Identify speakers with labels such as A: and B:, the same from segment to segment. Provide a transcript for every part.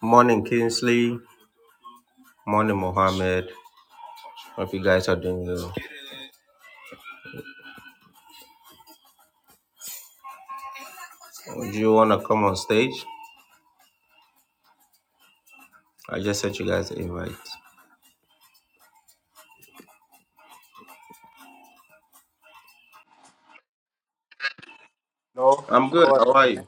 A: Morning, Kingsley. Morning, Mohammed. Hope you guys are doing well. Do you want to come on stage? I just sent you guys an invite.
B: Hello, hello,
A: I'm good.
B: how are
A: How
B: you,
A: are
B: man?
A: you?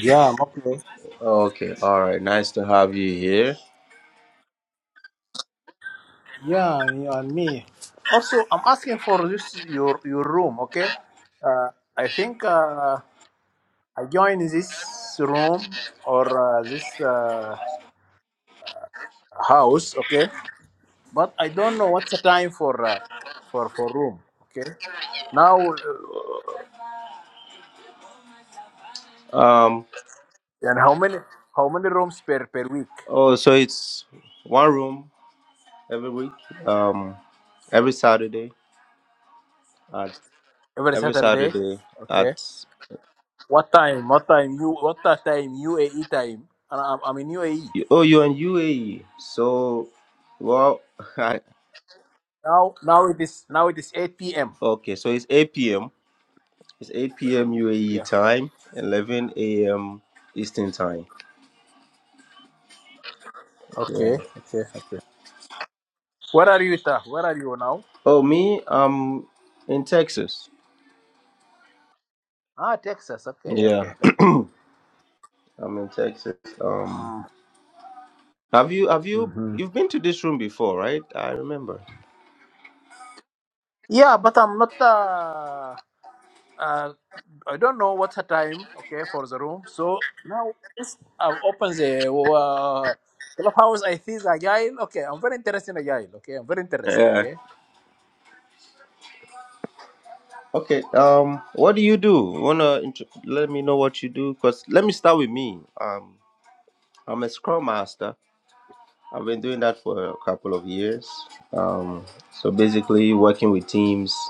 B: Yeah, I'm okay.
A: Okay. All right. Nice to have you here.
B: Yeah, and you and me. Also, I'm asking for this your your room, okay? Uh, I think uh, I joined this room or uh, this uh, house, okay? But I don't know what's the time for uh, for for room, okay? Now, uh,
A: Um.
B: and how many how many rooms per per week?
A: Oh, so it's one room every week. Um, every Saturday at
B: Every
A: every
B: Saturday,
A: Saturday
B: okay?
A: at.
B: What time? What time you? What time UAE time? And I'm, I'm in UAE.
A: Oh, you're in UAE. So, well, I,
B: Now, now it is now it is 8 p.m.
A: okay. So it's 8 p.m. It's 8 p.m. UAE
B: Yeah.
A: time, 11 a.m. Eastern time. Yeah.
B: Okay. Okay. Okay. Where are you, Ita? Where are you now?
A: Oh, me, I'm in Texas.
B: Ah, Texas. Okay.
A: Yeah,
B: Okay. Okay.
A: I'm in Texas. Um, have you have you
B: Mm-hmm.
A: you've been to this room before, right? I remember.
B: Yeah, but I'm not. Uh, uh, I don't know what's the time. Okay, for the room. So now yes, I've opened the uh, clubhouse. I think agile. Okay, I'm very interested in agile. Okay, I'm very interested.
A: Yeah.
B: Okay.
A: Okay. Um, what do you do? Wanna int- let me know what you do? Cause let me start with me. Um, I'm a Scrum Master. I've been doing that for a couple of years. Um, so basically working with teams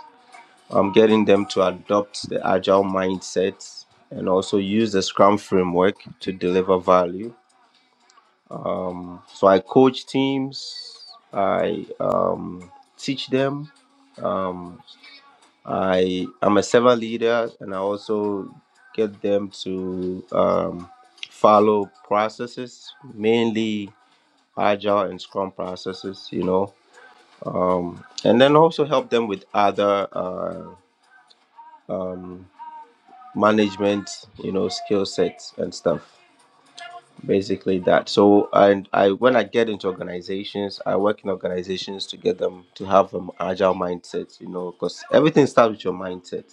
A: um, getting them to adopt the agile mindset and also use the scrum framework to deliver value um, so i coach teams i um, teach them um, i am a servant leader and i also get them to um, follow processes mainly agile and scrum processes you know um, and then also help them with other uh, um, management, you know, skill sets and stuff. Basically that. So and I when I get into organizations, I work in organizations to get them to have an agile mindset, you know, because everything starts with your mindset.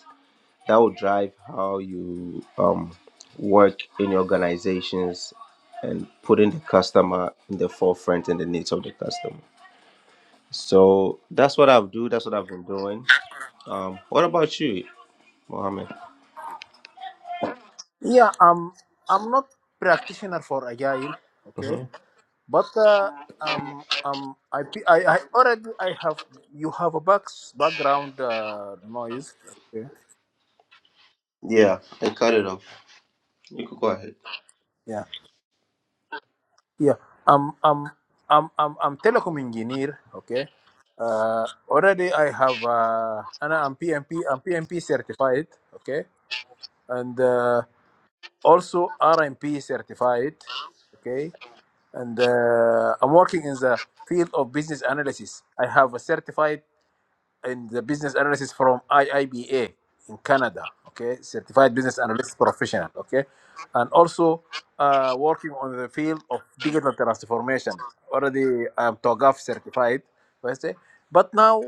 A: That will drive how you um work in your organizations and putting the customer in the forefront and the needs of the customer. So that's what I've do, that's what I've been doing. Um what about you, Mohammed?
B: Yeah, I'm. I'm not practitioner for agile. Okay.
A: hmm
B: But uh, um, um, I, pe- I, I already I have you have a back, background uh, noise. Okay.
A: Yeah, they cut it off. You could go ahead.
B: Yeah. Yeah. Um, um, I'm, I'm, I'm telecom engineer. Okay. Uh, already I have uh, and I'm PMP. I'm PMP certified. Okay. And uh, also RMP certified. Okay. And uh, I'm working in the field of business analysis. I have a certified and the business analyst is from IIBA in Canada. Okay, certified business analyst professional. Okay, and also uh, working on the field of digital transformation. Already I'm TOGAF certified. I say. But now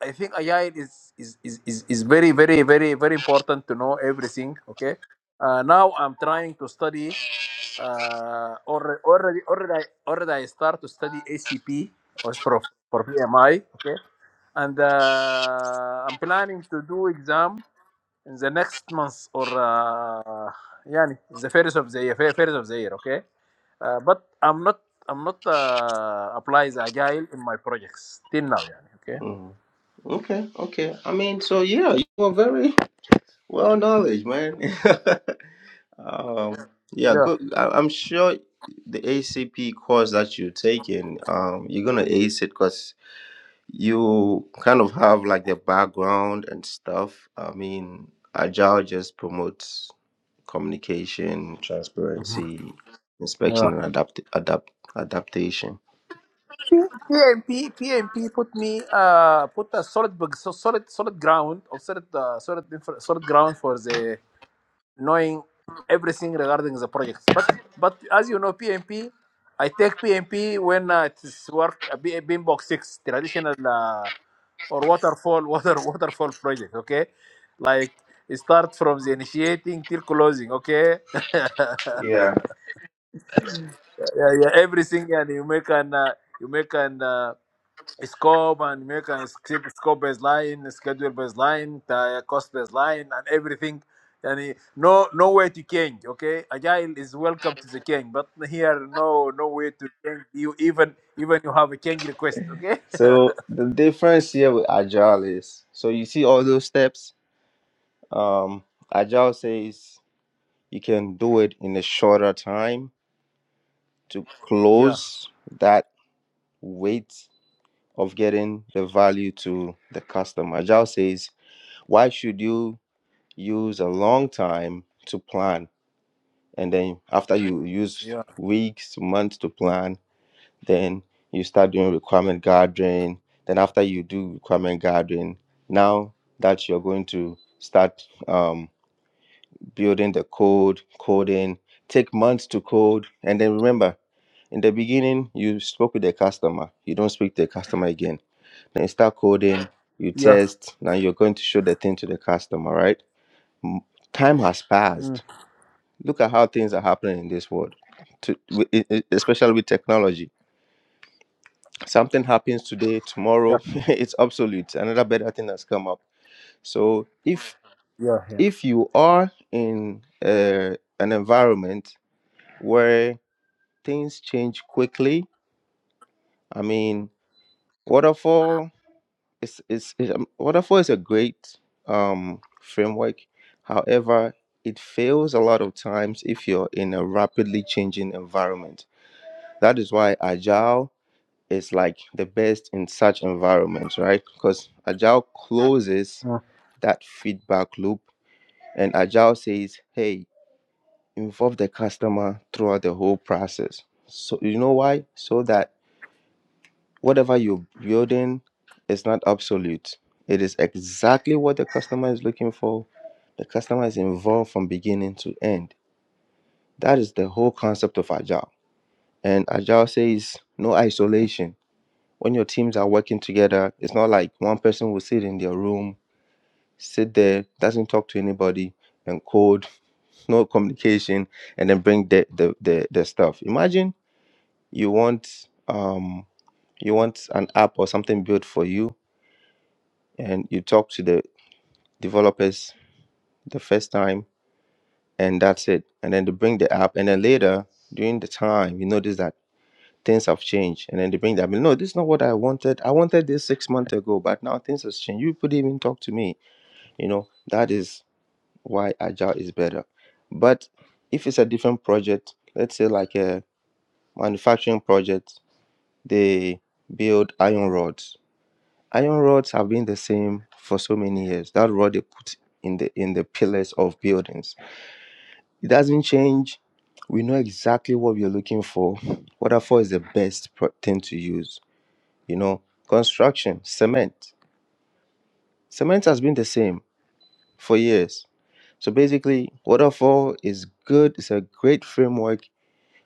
B: I think AI is is, is, is is very very very very important to know everything. Okay, uh, now I'm trying to study. Uh, already, already, already, I, already, I start to study ACP was for for PMI. Okay, and uh, I'm planning to do exam in the next month or uh, يعني the first of the year, first of the year, okay? Uh, but I'm not I'm not uh, apply the agile in my projects till now, يعني, okay?
A: Mm. Okay, okay. I mean, so yeah, you were very well knowledge, man. um, yeah,
B: Yeah.
A: good. I, I'm sure the ACP course that you're taking, um, you're gonna ace it because you kind of have like the background and stuff. I mean, Agile just promotes communication, transparency,
B: yeah.
A: inspection, and adapt, adapt, adaptation.
B: P- PMP PMP put me uh put a solid bug- so solid solid ground or solid uh, solid infra- solid ground for the knowing everything regarding the projects. But but as you know, PMP, I take PMP when uh, it's work a B- a Beambox Six traditional uh, or waterfall water waterfall project. Okay, like it start from the initiating till closing. Okay, yeah, yeah, everything and you make an uh, you make an uh, scope and make a script scope baseline, schedule baseline, the cost baseline, and everything. And no, no way to change. Okay, agile is welcome to the change, but here no, no way to change. You even even you have a change request. Okay,
A: So the difference here with agile is so you see all those steps. Um, agile says you can do it in a shorter time to
B: yeah,
A: close that weight of getting the value to the customer. Agile says, why should you use a long time to plan? And then after you use
B: yeah,
A: weeks, months to plan, then you start doing requirement gathering. Then after you do requirement gathering, now that you're going to start um, building the code, coding, take months to code. And then remember, in the beginning, you spoke with the customer. You don't speak to the customer again. Then you start coding, you
B: yeah,
A: test. Now you're going to show the thing to the customer, right? M- Time has
B: mm,
A: passed. Look at how things are happening in this world, to, wi- e- e- especially with technology something happens today
B: yeah,
A: tomorrow it's obsolete another better thing has come up so if
B: yeah,
A: if you are in uh, an environment where things change quickly i mean waterfall is is, is um, waterfall is a great um, framework however it fails a lot of times if you're in a rapidly changing environment that is why agile is like the best in such environments, right? Because Agile closes
B: yeah.
A: that feedback loop and Agile says, hey, involve the customer throughout the whole process. So, you know why? So that whatever you're building is not obsolete. It is exactly what the customer is looking for. The customer is involved from beginning to end. That is the whole concept of Agile. And Agile says no isolation when your teams are working together, it's not like one person will sit in their room, sit there, doesn't talk to anybody, and code, no communication, and then bring the the the, the stuff. Imagine you want um you want an app or something built for you, and you talk to the developers the first time, and that's it. And then they bring the app, and then later during the time, you notice that things have changed and then they bring that no this is not what i wanted i wanted this six months ago but now things has changed you could even talk to me You know, that is why agile is better. But if it's a different project, let's say like a manufacturing project, they build iron rods. Iron rods have been the same for so many years. That rod they put in the in the pillars of buildings. It doesn't change. We know exactly what we're looking for. Waterfall is the best pro- thing to use. You know, construction, cement. Cement has been the same for years So basically, waterfall is good. It's a great framework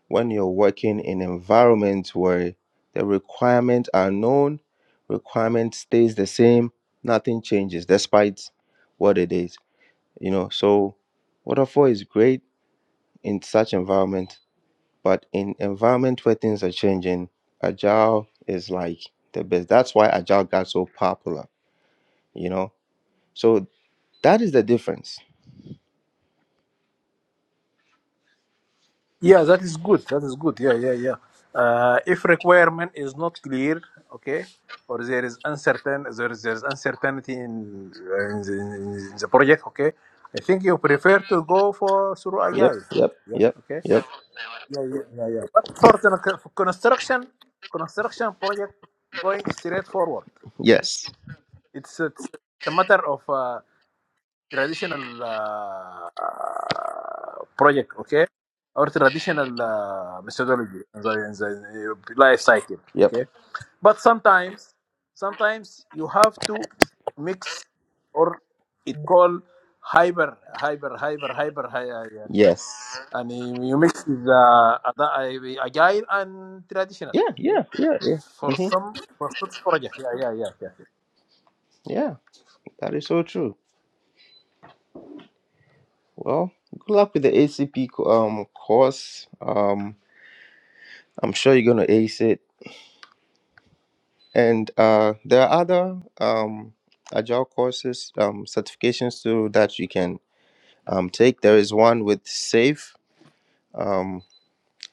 A: when you're working in environments where the requirements are known, requirement stays the same, nothing changes despite what it is. You know, so waterfall is great in such environment, but in environment where things are changing, agile is like the best. That's why agile got so popular. You know, so that is the difference.
B: Yeah, that is good. That is good. Yeah, yeah, yeah. Uh, if requirement is not clear, okay, or there is uncertain, there is, there is uncertainty in, in, the, in the project, okay. I think you prefer to go for through AI.
A: Yep. Yep.
B: Yeah.
A: Yep.
B: Okay.
A: Yep.
B: Yeah, yeah, yeah, yeah. But for the con- for construction, construction project, going straight forward. Okay.
A: Yes.
B: It's, it's a matter of. uh, traditional uh, uh, project, okay, or traditional uh, methodology in the, in the life cycle,
A: Yep.
B: okay. But sometimes, sometimes you have to mix, or it called hyper, hyper, hyper, hyper, hy- uh, yani,
A: Yes.
B: and you mix with uh, ada- agile and traditional,
A: Yeah,
B: okay.
A: yeah, yeah, yeah.
B: For
A: hmm
B: some, for such project, yeah, yeah, yeah, yeah.
A: Yeah, that is so true. Well, good luck with the ACP co- um course. Um, I'm sure you're gonna ace it. And uh, there are other um agile courses, um, certifications too that you can um take. There is one with Safe, um,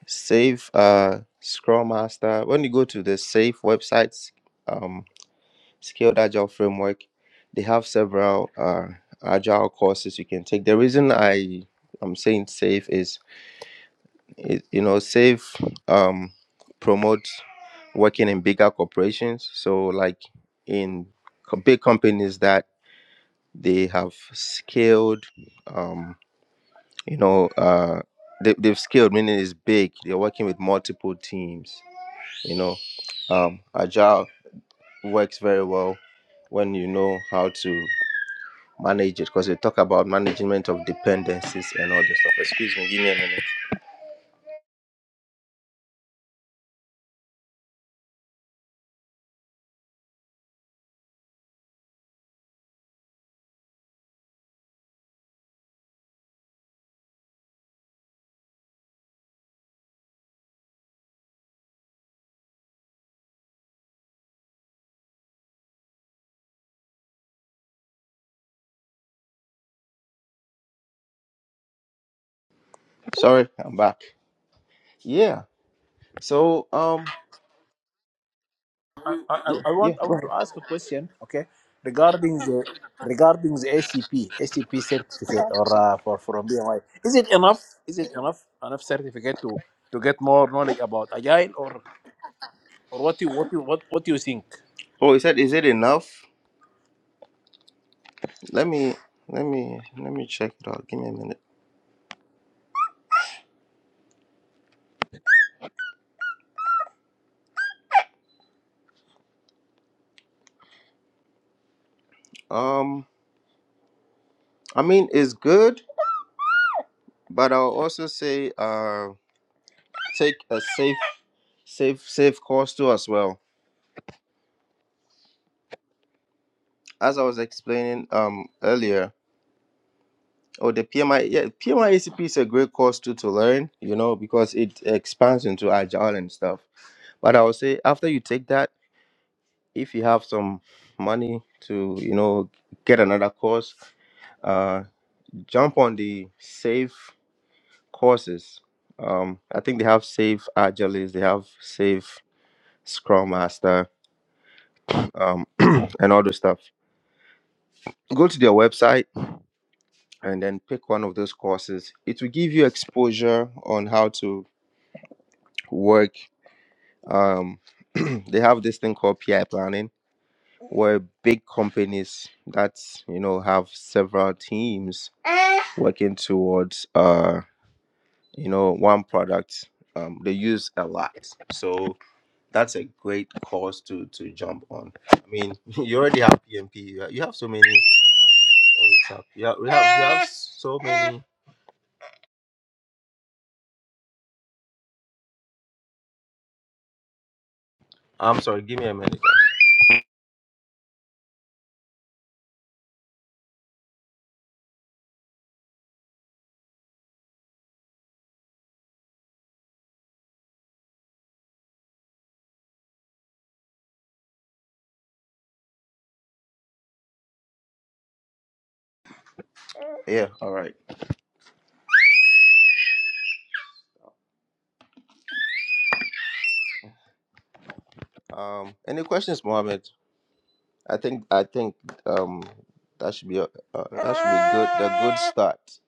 A: Safe uh Scrum Master. When you go to the Safe websites, um, Scaled Agile framework. They have several uh, agile courses you can take. The reason I I'm saying safe is, is you know safe um, promotes working in bigger corporations. So like in co- big companies that they have scaled, um, you know, uh, they, they've scaled meaning it's big. They're working with multiple teams. You know, um, agile works very well when you know how to manage it because we talk about management of dependencies and all this stuff. Excuse me, give me a minute. Sorry, I'm back. Yeah. So um
B: I, I,
A: yeah,
B: I
A: yeah.
B: want I want to ask a question, okay, regarding the regarding the ACP ACP certificate or uh, for from BMI. Is it enough? Is it enough enough certificate to to get more knowledge about agile or or what you what you what what you think?
A: Oh, he said is it enough? Let me let me let me check it out. Give me a minute. Um I mean it's good, but I'll also say uh take a safe safe safe course too as well. As I was explaining um earlier, Oh, the PMI, yeah, PMIACP is a great course too to learn, you know, because it expands into agile and stuff. But I would say after you take that, if you have some money to, you know, get another course, uh, jump on the safe courses. Um, I think they have safe Agilis, they have safe Scrum Master, um, and all those stuff. Go to their website and then pick one of those courses. It will give you exposure on how to work. Um, they have this thing called PI planning were big companies that you know have several teams working towards uh you know one product um they use a lot so that's a great cause to to jump on i mean you already have pmp you have, you have so many oh, it's up. you have, we have you have so many i'm sorry give me a minute yeah all right um any questions mohammed i think i think um that should be a, uh, that should be good the good start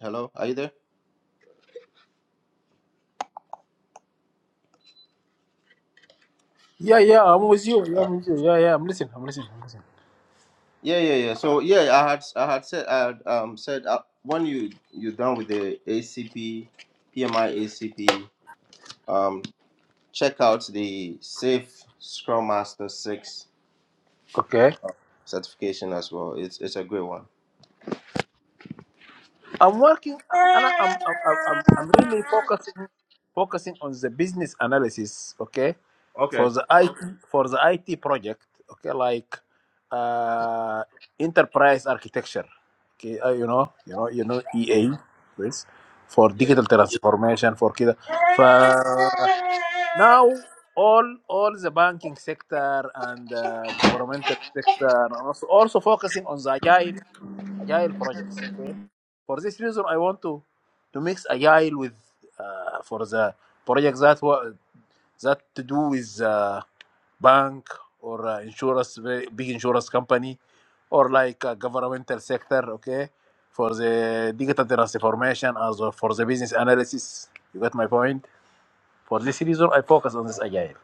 A: hello are you there
B: Yeah, yeah, I'm with you. Yeah,
A: Uh,
B: I'm with you. Yeah, yeah, I'm listening. I'm listening. I'm
A: Yeah, yeah, yeah. So yeah, I had I had said I had, um said uh, when you you're done with the ACP, PMI ACP, um check out the Safe Scrum Master Six
B: listening.
A: certification as well. It's it's a great one.
B: I'm working, and I- I'm I'm I'm I'm I'm really focusing focusing on the business analysis. Okay,
A: Okay.
B: for the IT for the IT project. Okay, like uh, enterprise architecture. Okay, uh, you know, you know, you know, EA, please, for
A: Yeah.
B: digital transformation for kid. For now, all all the banking sector and uh, governmental sector, and also also focusing on the agile agile projects. Okay, for this reason, I want to to mix agile with uh, for the projects that were that to do with uh, bank or uh, insurance, very big insurance company, or like uh, governmental sector. Okay, for the digital transformation as well for the business analysis. You got my point. For this reason, I focus on this agile.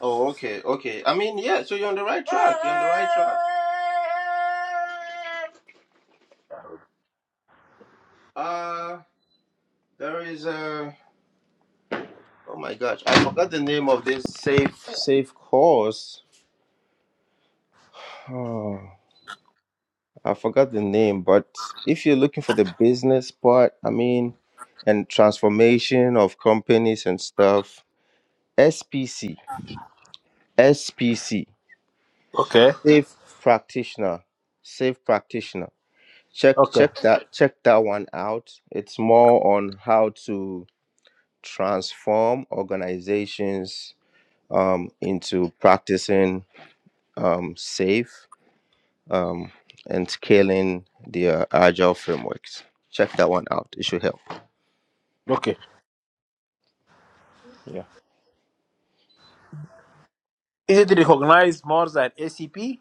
A: Oh, okay, okay. I mean, yeah. So you're on the right track. You're on the right track. Uh there is a. Oh my gosh, I forgot the name of this safe safe course. Oh. I forgot the name, but if you're looking for the business part, I mean, and transformation of companies and stuff, SPC, SPC,
B: Okay.
A: Safe Practitioner, Safe Practitioner. Check
B: Okay.
A: check that check that one out. It's more on how to transform organizations um, into practicing um, safe um, and scaling their agile frameworks. Check that one out. It should help.
B: Okay.
A: Yeah.
B: Is it recognized more than ACP?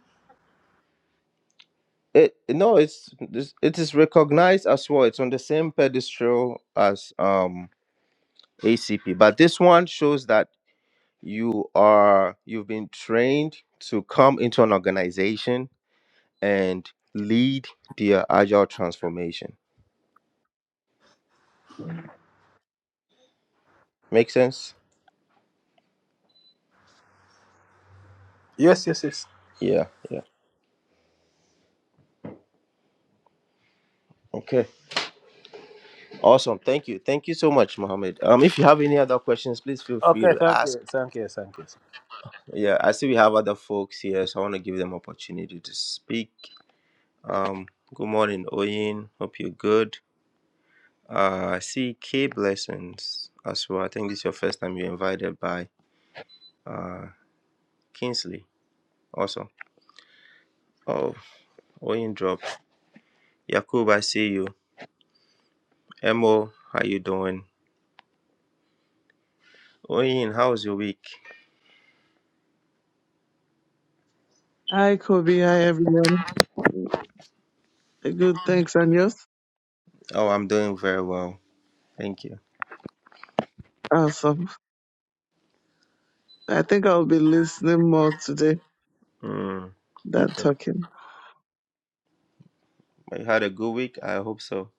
A: It no, it's this- it is recognized as well. It's on the same pedestal as um ACP, but this one shows that you are you've been trained to come into an organization and lead their agile transformation. Make sense?
B: Yes. Yes. Yes.
A: Yeah, yeah. Okay. Awesome. Thank you. Thank you so much, Mohammed. Um, if you have any other questions, please feel free
B: Okay.
A: to
B: Thank you.
A: ask.
B: Thank you. Thank you.
A: Yeah, I see we have other folks here, so I want to give them opportunity to speak. Um, good morning, Oyin. Hope you're good. Uh, I see K Blessings as well. I think this is your first time you're invited by uh, Kingsley. Awesome. Oh, Oyin drop. Yakub, I see you. Emo, how you doing? Oyin, how was your week?
C: Hi, Kobe. Hi, everyone. Good. Thanks, and yours?
A: Oh, I'm doing very well. Thank you.
C: Awesome. I think I'll be listening more today
A: Mm. Okay.
C: than talking.
A: Well, You had a good week? I hope so.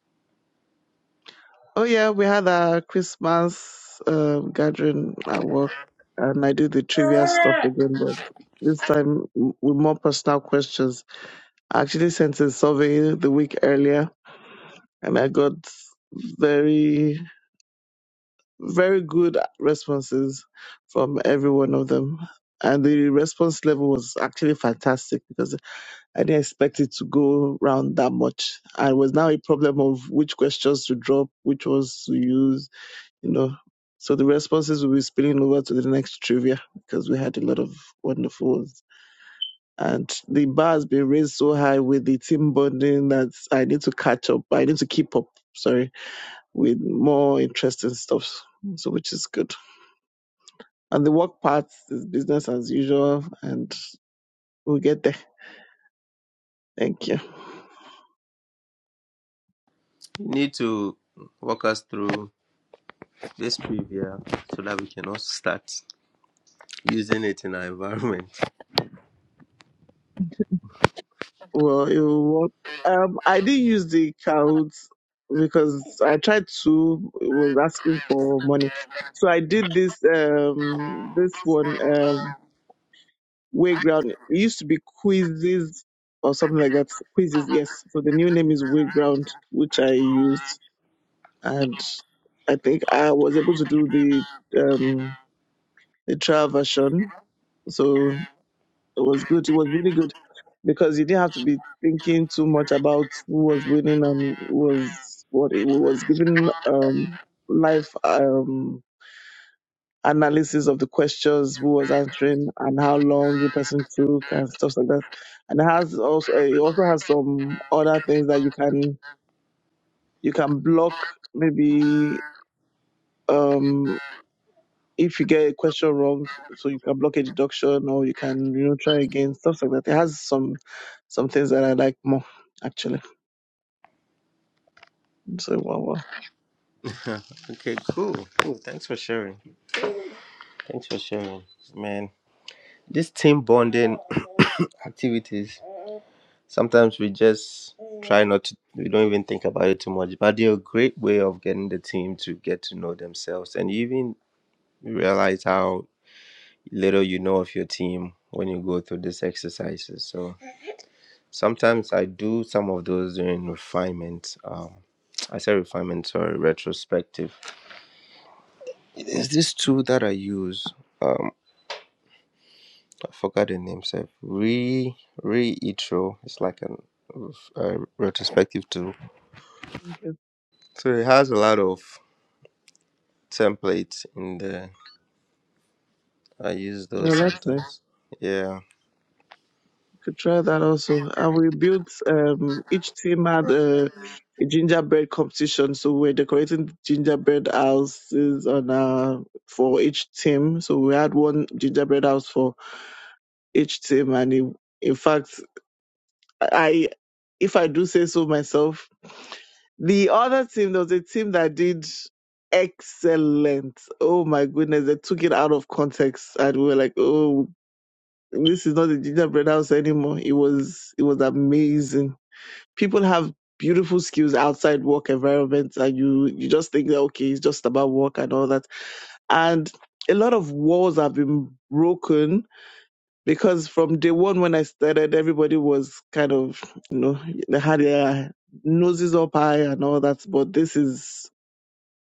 C: Oh, yeah. We had our Christmas um, gathering at work, and I do the trivia stuff again, but this time w- with more personal questions. I actually sent a survey the week earlier, and I got very, very good responses from every one of them. And the response level was actually fantastic because I didn't expect it to go round that much. And it was now a problem of which questions to drop, which ones to use, you know. So the responses will be spilling over to the next trivia because we had a lot of wonderful ones. And the bar has been raised so high with the team bonding that I need to catch up. I need to keep up, sorry, with more interesting stuff. So which is good. And the work part is business as usual and we'll get there. Thank you.
A: You need to walk us through this preview so that we can also start using it in our environment.
C: Well, it was, um, I didn't use the Kahoot because I tried to. It was asking for money, so I did this um this one. um, Wayground It used to be quizzes or something like that. Quizzes, yes. So the new name is Wayground, which I used, and I think I was able to do the um the trial version. So it was good. It was really good because you didn't have to be thinking too much about who was winning and who was what. It was giving um life. Um, analysis of the questions who was answering and how long the person took and stuff like that. And it has also it also has some other things that you can you can block maybe um if you get a question wrong, so you can block a deduction or you can you know try again stuff like that. It has some some things that I like more actually. So wow, wow.
A: Okay, cool, cool. Thanks for sharing. Thanks for sharing, man. This team bonding activities. Sometimes we just try not to. We don't even think about it too much. But they're a great way of getting the team to get to know themselves and you even realize how little you know of your team when you go through these exercises. So sometimes I do some of those during refinement. Um, I say refinement, sorry, retrospective. There's this tool that I use. Um, I forgot the name. So re reitro. It's like an a retrospective tool.
C: Okay,
A: So it has a lot of templates in there. I use those
C: no, that's nice.
A: sometimes. Yeah.
C: Could try that also. And we built um each team had a, a gingerbread competition. So we're decorating gingerbread houses on uh for each team. So we had one gingerbread house for each team and in, in fact I if I do say so myself, the other team there was a team that did excellent. Oh my goodness, they took it out of context and we were like, Oh, this is not a gingerbread house anymore. It was it was amazing people have beautiful skills outside work environments and you you just think that okay it's just about work and all that and a lot of walls have been broken because from day one when i started everybody was kind of you know they had their noses up high and all that but this is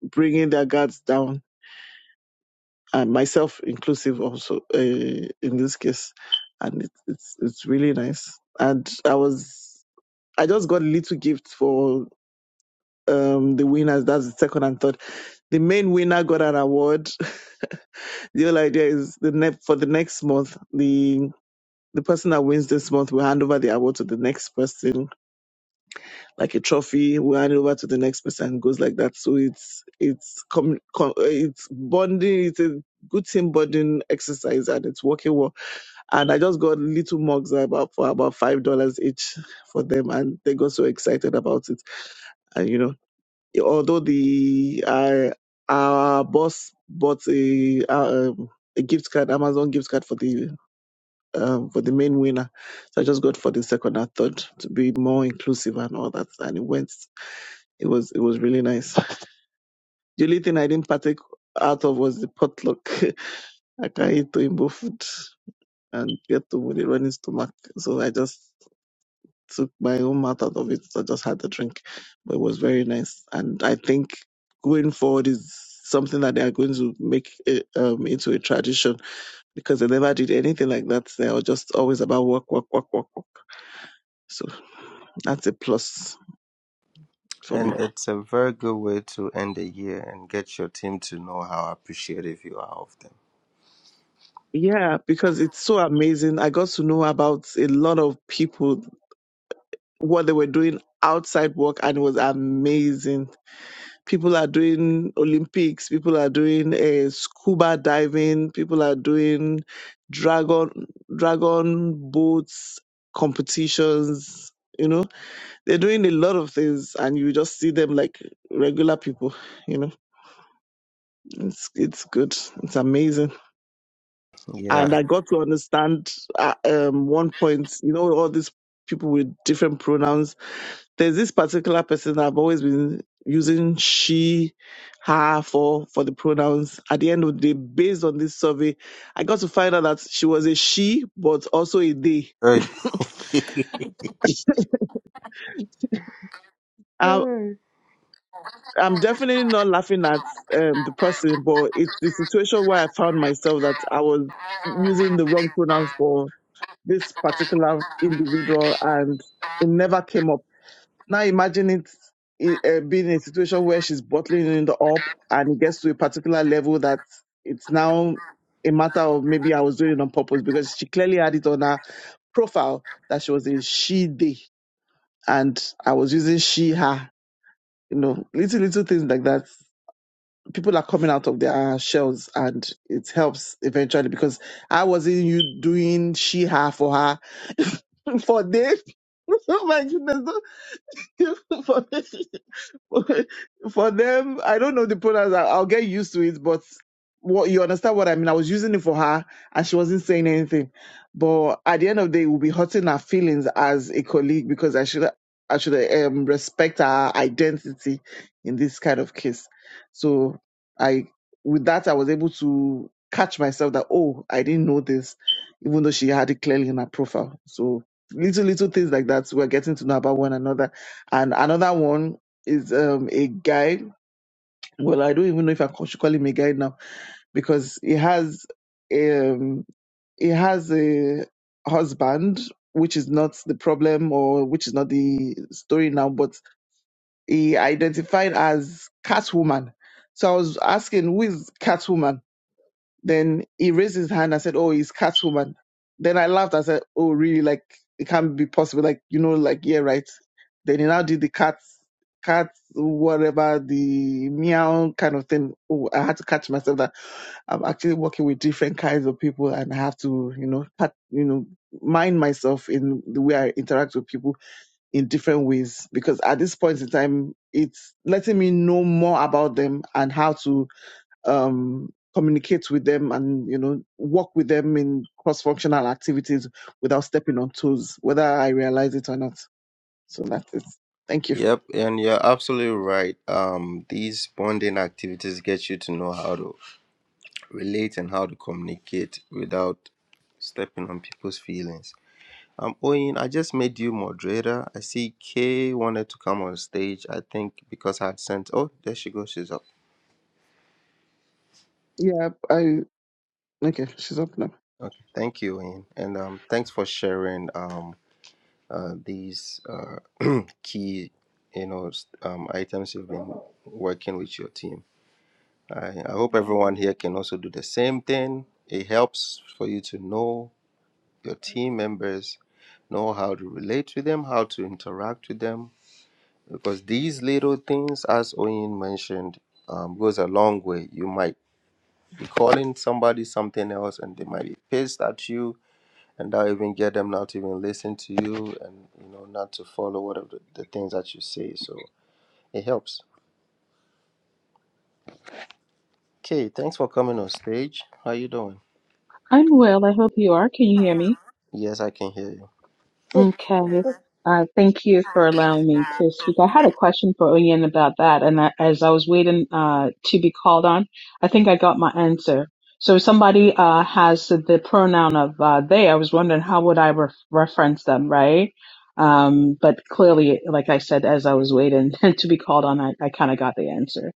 C: bringing their guards down and myself inclusive also uh, in this case and it, it's it's really nice and i was i just got a little gift for um the winners that's the second and third the main winner got an award the whole idea is the next for the next month the the person that wins this month will hand over the award to the next person like a trophy we hand it over to the next person and goes like that so it's it's com, com, uh, it's bonding it's a good team bonding exercise and it's working well and i just got little mugs about for about five dollars each for them and they got so excited about it and you know although the uh, our boss bought a, uh, um a gift card, Amazon gift card for the um, for the main winner, so I just got for the second and third to be more inclusive and all that, and it went. It was it was really nice. The only thing I didn't partake out of was the potluck. I can't eat Toimbo food and get to with a running stomach, so I just took my own mouth out of it. I just had a drink, but it was very nice. And I think going forward is something that they are going to make it, um, into a tradition because they never did anything like that. They were just always about work, work, work, work, work. So that's a plus for
A: And
C: me.
A: it's a very good way to end the year and get your team to know how appreciative you are of them.
C: Yeah, because it's so amazing. I got to know about a lot of people, what they were doing outside work, and it was amazing. people are doing Olympics, people are doing uh, scuba diving, people are doing dragon dragon boats competitions. You know, they're doing a lot of things, and you just see them like regular people. You know, it's it's good, it's amazing, and
A: Yeah.
C: I got to understand at um, one point. You know, all these people with different pronouns There's this particular person I've always been using she, her for for the pronouns. At the end of the day, based on this survey, I got to find out that she was a she, but also a they.
A: Right.
C: I, I'm definitely not laughing at um, the person, but it's the situation where I found myself that I was using the wrong pronouns for this particular individual, and it never came up Now imagine it, i- uh, being in a situation where she's bottling it up and it gets to a particular level that it's now a matter of maybe I was doing it on purpose because she clearly had it on her profile that she was a she day and I was using she her. You know, little little things like that. People are coming out of their shells and it helps eventually because I wasn't you doing she her for her for days. Oh my goodness. For days. for them, I don't know the pronouns. I- I'll get used to it, but what you understand what I mean? I was using it for her, and she wasn't saying anything. But at the end of the day, it will be hurting her feelings as a colleague because I should I should um, respect her identity in this kind of case. So I, with that, I was able to catch myself that oh, I didn't know this, even though she had it clearly in her profile. So little little things like that, we're getting to know about one another. And another one is um a guy. Well, I don't even know if I co- should call him a guy now because he has um he has a husband, which is not the problem or which is not the story now, but he identified as Catwoman. So I was asking, who is Catwoman? Then he raised his hand and said, Oh, he's Catwoman. Then I laughed. I said, Oh, really? Like, it can't be possible. Like, you know, like, yeah, right. Then he now did the cat, cat, whatever, the meow kind of thing. Oh, I had to catch myself that I'm actually working with different kinds of people and I have to, you know, pat, you know, mind myself in the way I interact with people in different ways because at this point in time, it's letting me know more about them and how to um, communicate with them and you know work with them in cross-functional activities without stepping on toes, whether I realize it or not. So that's it. Thank you.
A: Yep, and you're absolutely right. Um, these bonding activities get you to know how to relate and how to communicate without stepping on people's feelings. Um, Oyin, I just made you moderator. I see Kay wanted to come on stage, I think, because I had sent. Oh, there she goes. She's up.
C: Yeah, I okay. She's up now.
A: Okay. Thank you, Oyin. And um, thanks for sharing um, uh, these uh, key you know, s- um, items you've been working with your team. I, I hope everyone here can also do the same thing. It helps for you to know your team members, know how to relate to them, how to interact with them, because these little things, as Oyin mentioned, um, goes a long way. You might be calling somebody something else, and they might be pissed at you, and that even get them not to even listen to you, and you know not to follow whatever the, the things that you say. So it helps. Okay, thanks for coming on stage. How you doing?
D: I'm well. I hope you are. Can you hear me?
A: Yes, I can hear you.
D: Okay. Uh, thank you for allowing me to speak. I had a question for Oyen about that, and I, as I was waiting uh, to be called on, I think I got my answer. So if somebody uh, has the pronoun of uh, they, I was wondering how would I re- reference them, right? Um, but clearly, like I said, as I was waiting to be called on, I, I kind of got the answer.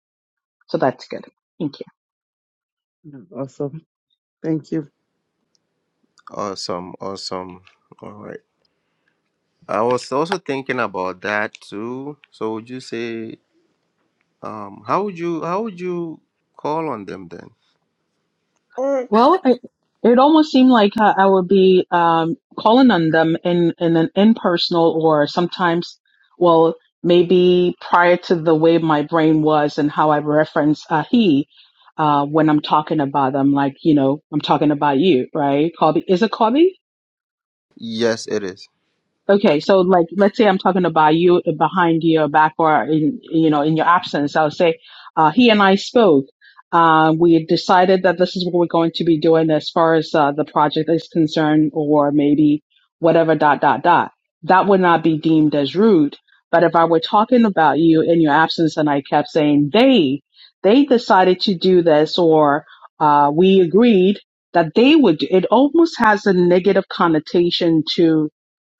D: So that's good. Thank you.
C: Yeah, Awesome. Thank you.
A: Awesome, awesome. All right. I was also thinking about that too. So would you say, um, how would you how would you call on them then?
D: Well, it, it almost seemed like uh, I would be um, calling on them in, in an impersonal or sometimes, well, maybe prior to the way my brain was and how I reference uh, he uh, when I'm talking about them, like, you know, I'm talking about you, right? Colby, is it Kobe?
A: Yes, it is.
D: Okay, so like let's say I'm talking about you behind your back or in you know in your absence, I'll say uh, he and I spoke. Uh, we decided that this is what we're going to be doing as far as uh, the project is concerned, or maybe whatever dot dot dot. That would not be deemed as rude. But if I were talking about you in your absence and I kept saying they they decided to do this, or uh, we agreed that they would, do, it almost has a negative connotation to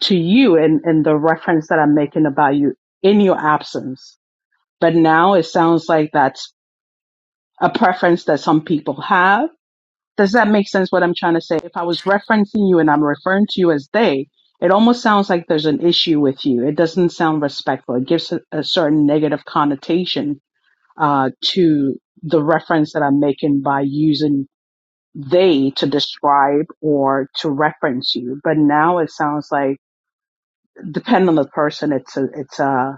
D: to you and, and the reference that I'm making about you in your absence. But now it sounds like that's a preference that some people have. Does that make sense what I'm trying to say? If I was referencing you and I'm referring to you as they, it almost sounds like there's an issue with you. It doesn't sound respectful. It gives a, a certain negative connotation uh, to the reference that I'm making by using they to describe or to reference you. But now it sounds like depend on the person. It's a, it's a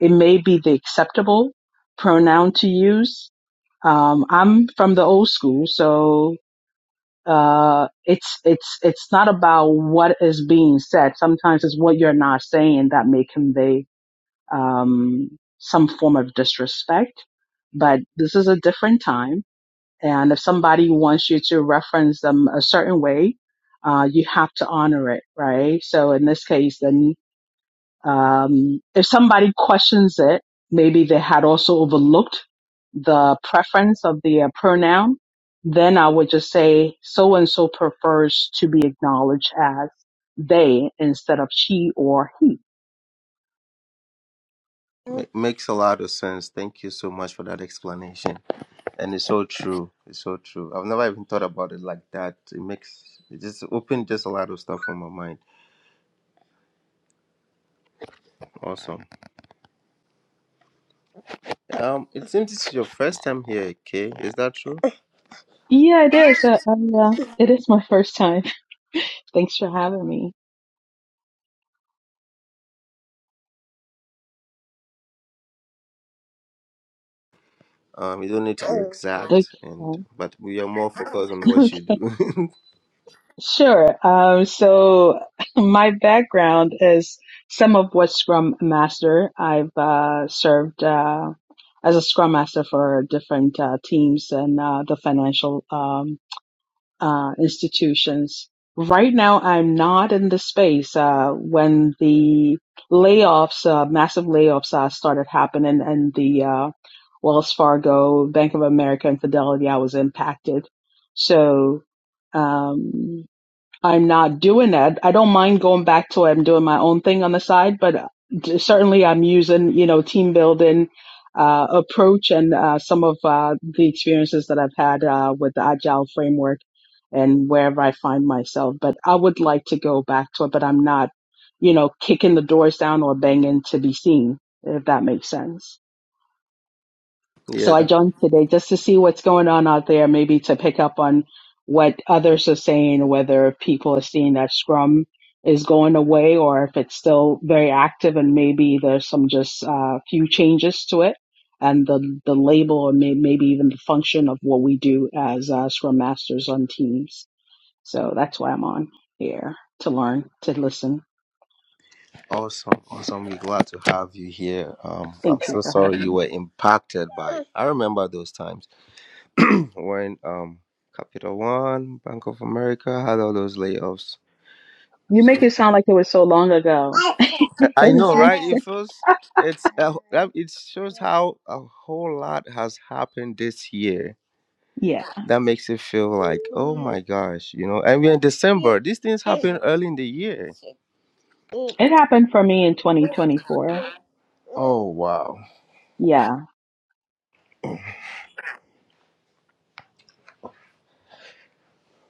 D: it may be the acceptable pronoun to use. Um, I'm from the old school, so uh, it's it's it's not about what is being said. Sometimes it's what you're not saying that may convey um, some form of disrespect. But this is a different time, and if somebody wants you to reference them a certain way, uh, you have to honor it, right? So in this case, then um, if somebody questions it, maybe they had also overlooked the preference of the uh, pronoun, then I would just say so and so prefers to be acknowledged as they instead of she or he.
A: Ma- makes a lot of sense. Thank you so much for that explanation. And it's so true. It's so true. I've never even thought about it like that. It makes it just opened just a lot of stuff on my mind. Awesome. Um, it seems this is your first time here, Kay. Is that true?
D: Yeah, it is. Uh, um, yeah, it is my first time. Thanks for having me.
A: Um, you don't need to be
D: Okay.
A: exact, and but we are more focused on what
D: Okay.
A: you do.
D: Sure. Um, so my background is some of what's Scrum Master. I've uh, served uh, as a Scrum Master for different uh, teams and uh, the financial um, uh, institutions. Right now, I'm not in the space. Uh, when the layoffs, uh, massive layoffs, uh, started happening, and the uh, Wells Fargo, Bank of America, and Fidelity, I was impacted. So. Um, I'm not doing that. I don't mind going back to it. I'm doing my own thing on the side, but uh, d- certainly I'm using, you know, team building uh, approach and uh, some of uh, the experiences that I've had uh, with the agile framework and wherever I find myself. But I would like to go back to it, but I'm not, you know, kicking the doors down or banging to be seen, if that makes sense.
A: yeah,
D: So I
A: that's
D: joined today just to see what's going on out there, maybe to pick up on what others are saying, whether people are seeing that Scrum is going away or if it's still very active and maybe there's some just uh, few changes to it and the, the label or may, maybe even the function of what we do as uh, Scrum Masters on teams. So that's why I'm on here to learn, to listen.
A: awesome. Awesome. We're glad to have you here. Um, I'm
D: Thank you
A: so
D: for
A: sorry
D: having
A: you
D: me.
A: were impacted by. I remember those times when um Capital One, Bank of America had all those layoffs.
D: You
A: So,
D: make it sound like it was so long ago.
A: I I
D: It was
A: know, right? It
D: recent.
A: feels it's uh, that- it shows how a whole lot has happened this year. That makes it feel like, oh my gosh, you know. And we're in December. These things happen early in the year.
D: It happened for me in 2024.
A: Oh wow.
D: Yeah.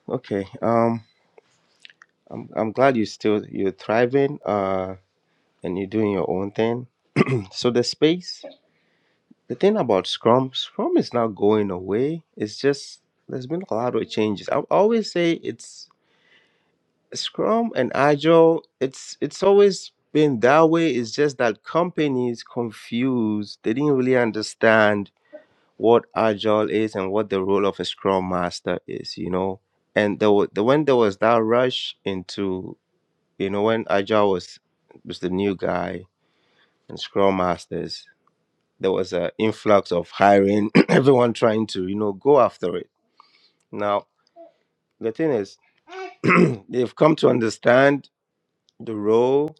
A: Okay. Um, I'm I'm glad you still you're thriving. Uh, and you're doing your own thing. So the space. The thing about Scrum, Scrum is not going away. It's just there's been a lot of changes. I always say it's Scrum and Agile. It's it's always been that way. It's just that companies confused. They didn't really understand what Agile is and what the role of a Scrum Master is. You know, and there was the when there was that rush into you know when Agile was was the new guy and Scrum Masters there was an influx of hiring, everyone trying to, you know, go after it. Now, the thing is, they've come to understand the role,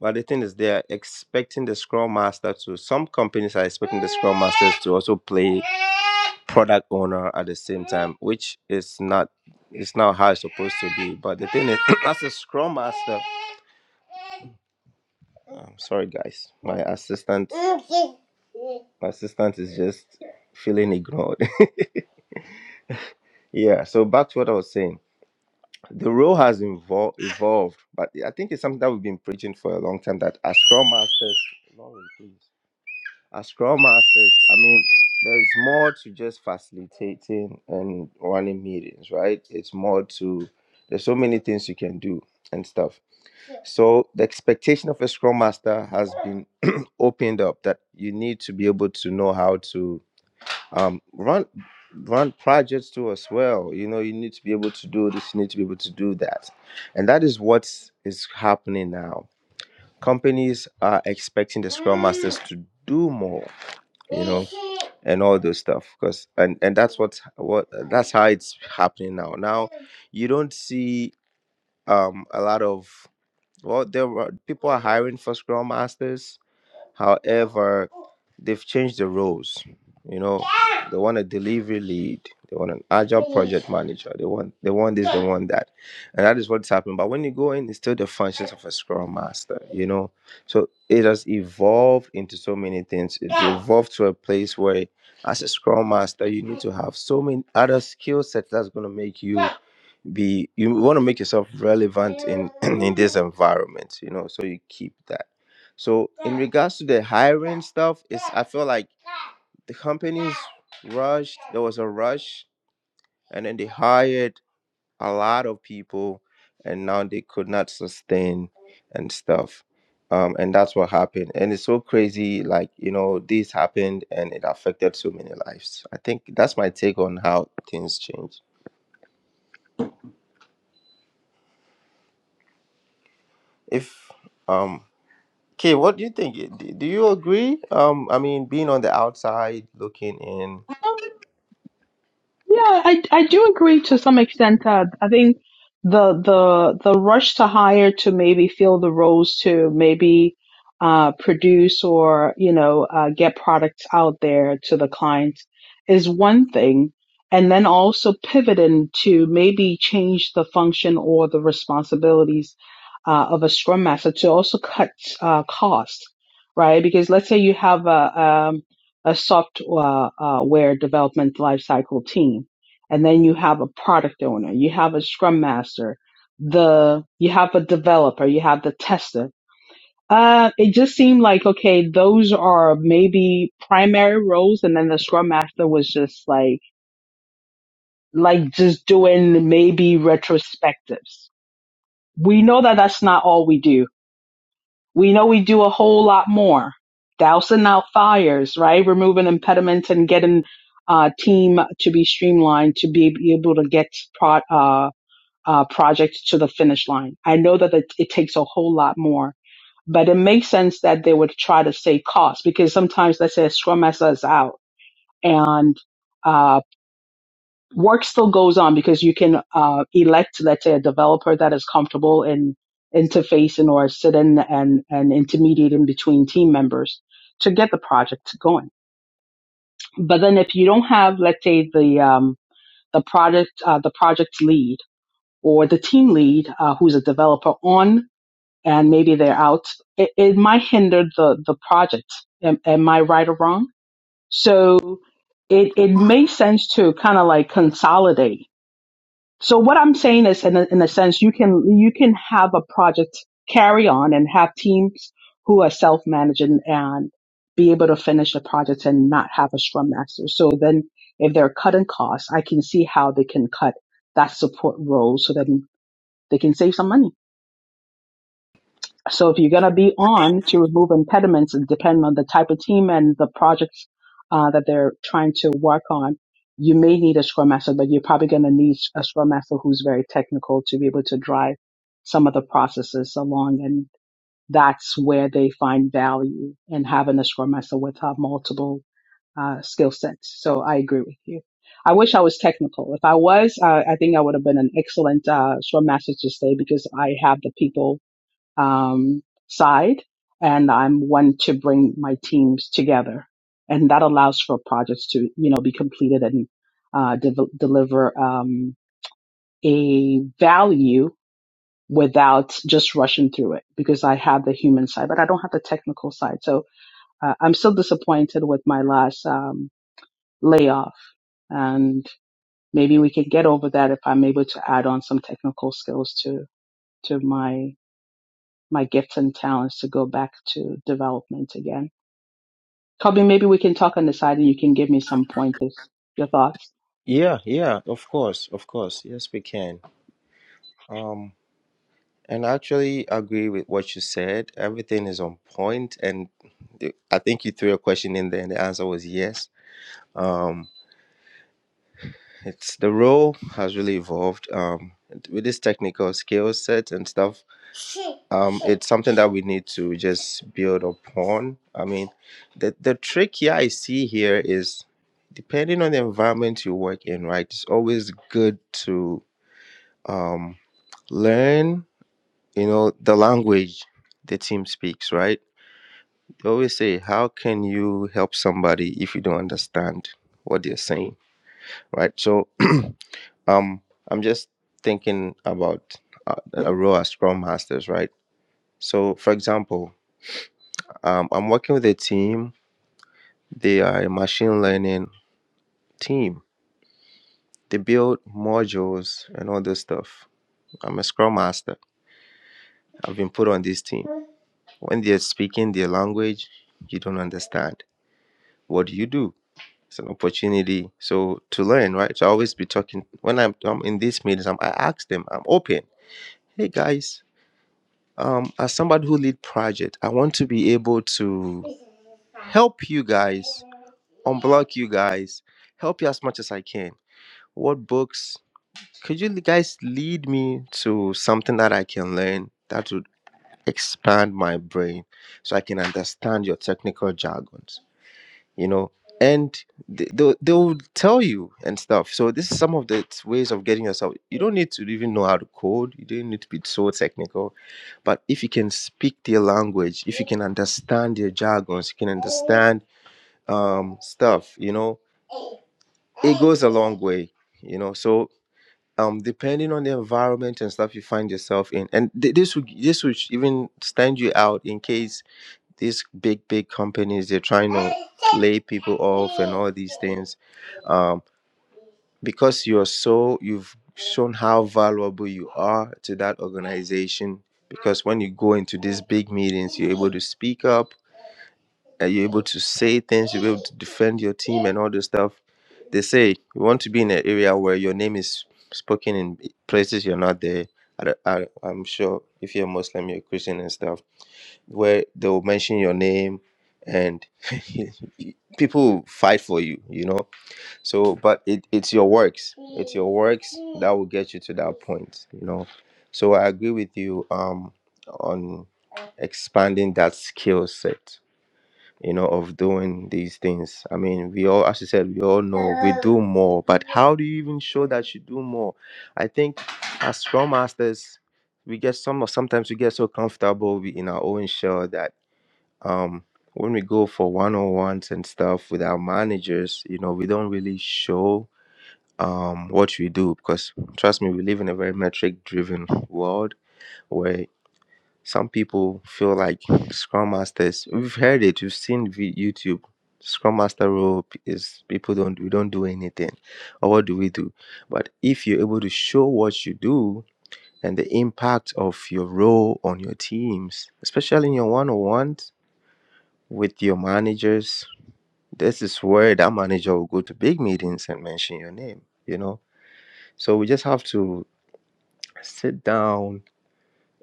A: but the thing is, they're expecting the Scrum Master to, some companies are expecting the Scrum Masters to also play product owner at the same time, which is not. It's not how it's supposed to be, but the thing is, as a scrum master, I'm sorry guys, my assistant, my assistant is just feeling ignored. yeah, so back to what I was saying the role has evol- evolved, but I think it's something that we've been preaching for a long time that as Scrum Masters, Lauren, please, as Scrum Masters, I mean, there's more to just facilitating and running meetings, right? It's more to, there's so many things you can do and stuff. So the expectation of a Scrum Master has been opened up that you need to be able to know how to um run run projects too as well you know you need to be able to do this you need to be able to do that and that is what is happening now companies are expecting the scrum masters to do more you know and all those stuff because and and that's what what that's how it's happening now now you don't see um a lot of well there were people are hiring for scrum masters However, they've changed the roles. You know, they want a delivery lead, they want an agile project manager, they want they want this, they want that. And that is what's happening. But when you go in, it's still the functions of a scrum master, you know. So it has evolved into so many things. It evolved to a place where as a scrum master, you need to have so many other skill sets that's gonna make you be you want to make yourself relevant in in this environment you know so you keep that so in regards to the hiring stuff it's i feel like the companies rushed there was a rush and then they hired a lot of people and now they could not sustain and stuff um and that's what happened and it's so crazy like you know this happened and it affected so many lives i think that's my take on how things change if um Okay, what do you think? D- Do you agree? Um, I mean, being on the outside looking in.
D: Um, yeah, I, I do agree to some extent that I think the the the rush to hire to maybe fill the roles to maybe uh, produce or you know uh, get products out there to the clients is one thing, and then also pivoting to maybe change the function or the responsibilities uh, of a scrum master to also cut uh, costs, right? Because let's say you have a um, a software uh, development lifecycle team, and then you have a product owner, you have a scrum master, the you have a developer, you have the tester. Uh, it just seemed like okay, those are maybe primary roles, and then the scrum master was just like like just doing maybe retrospectives. We know that that's not all we do We know we do a whole lot more. Dousing out fires, right? Removing impediments and getting uh, team to be streamlined to be able to get pro- uh, uh, projects to the finish line. I know that it, it takes a whole lot more, but it makes sense that they would try to save costs because sometimes let's say a scrum master is out and uh, work still goes on because you can uh, elect, let's say, a developer that is comfortable in interfacing or sit in and, and intermediating between team members to get the project going. But then if you don't have, let's say, the um, the project uh, the project lead or the team lead uh, who's a developer on and maybe they're out, it, it might hinder the the project. Am, am I right or wrong? So it it makes sense to kind of like consolidate So what I'm saying is, in a, in a sense, you can you can have a project carry on and have teams who are self managing and be able to finish the project and not have a scrum master. So then, if they're cutting costs, I can see how they can cut that support role so that they can save some money. So if you're going to be on to remove impediments, and depending on the type of team and the projects uh, that they're trying to work on, you may need a scrum master, but you're probably going to need a scrum master who's very technical to be able to drive some of the processes along. And that's where they find value in having a scrum master with uh, multiple uh, skill sets. So I agree with you. I wish I was technical. If I was, uh, I think I would have been an excellent uh, scrum master to stay because I have the people um, side, and I'm one to bring my teams together, and that allows for projects to you know be completed and uh, devel deliver um, a value without just rushing through it because I have the human side, but I don't have the technical side. So uh, I'm still disappointed with my last um, layoff, and maybe we can get over that if I'm able to add on some technical skills to to my my gifts and talents to go back to development again. Kobe, maybe we can talk on the side and you can give me some pointers, your thoughts.
A: Yeah, yeah, of course, of course. Yes, we can. Um, and I actually agree with what you said. Everything is on point, and the- I think you threw a question in there, and the answer was yes. Um, it's the role has really evolved. Um, with this technical skill set and stuff um it's something that we need to just build upon i mean the the trick here i see here is depending on the environment you work in right it's always good to um learn you know the language the team speaks right they always say how can you help somebody if you don't understand what they're saying right so um i'm just thinking about uh, a role as scrum masters right so for example Um, I'm working with a team. They are a machine learning team. They build modules and all this stuff. I'm a scrum master. I've been put on this team. When they're speaking their language, you don't understand. What do you do? It's an opportunity. So to learn, right? So I always be talking when I'm, I'm in these meetings. I'm, I ask them. I'm open. Hey guys, um, as somebody who lead project, I want to be able to help you guys, unblock you guys, help you as much as I can What books? Could you guys lead me to something that I can learn that would expand my brain so I can understand your technical jargons? You know, and they, they'll, they'll tell you and stuff. So, this is some of the t- ways of getting yourself. You don't need to even know how to code, you don't need to be so technical. But if you can speak their language, if you can understand their jargons, you can understand um, stuff, you know, it goes a long way you know so um depending on the environment and stuff you find yourself in and th- this would this would even stand you out in case these big big companies they're trying to lay people off and all these things um because you're so you've shown how valuable you are to that organization because when you go into these big meetings you're able to speak up are you able to say things? You're able to defend your team and all this stuff. They say you want to be in an area where your name is spoken in places you're not there. I, don't- I, I'm sure if you're Muslim, you're Christian and stuff, where they'll mention your name and people will fight for you, you know? So, but it, it's your works. It's your works that will get you to that point, you know? So I agree with you um, on expanding that skill set you know, of doing these things. I mean, we all, as you said, we all know we do more, but how do you even show that you do more? I think as scrum masters, we get some, sometimes we get so comfortable we- in our own shell that um, when we go for one on ones and stuff with our managers, you know, we don't really show um what we do because trust me we live in a very metric driven world some people feel like scrum masters. We've heard it. We've seen vi- YouTube. Scrum master role p- is people don't we don't do anything, or what do we do? But if you're able to show what you do and the impact of your role on your teams, especially in your one-on-ones with your managers, this is where that manager will go to big meetings and mention your name. You know, so we just have to sit down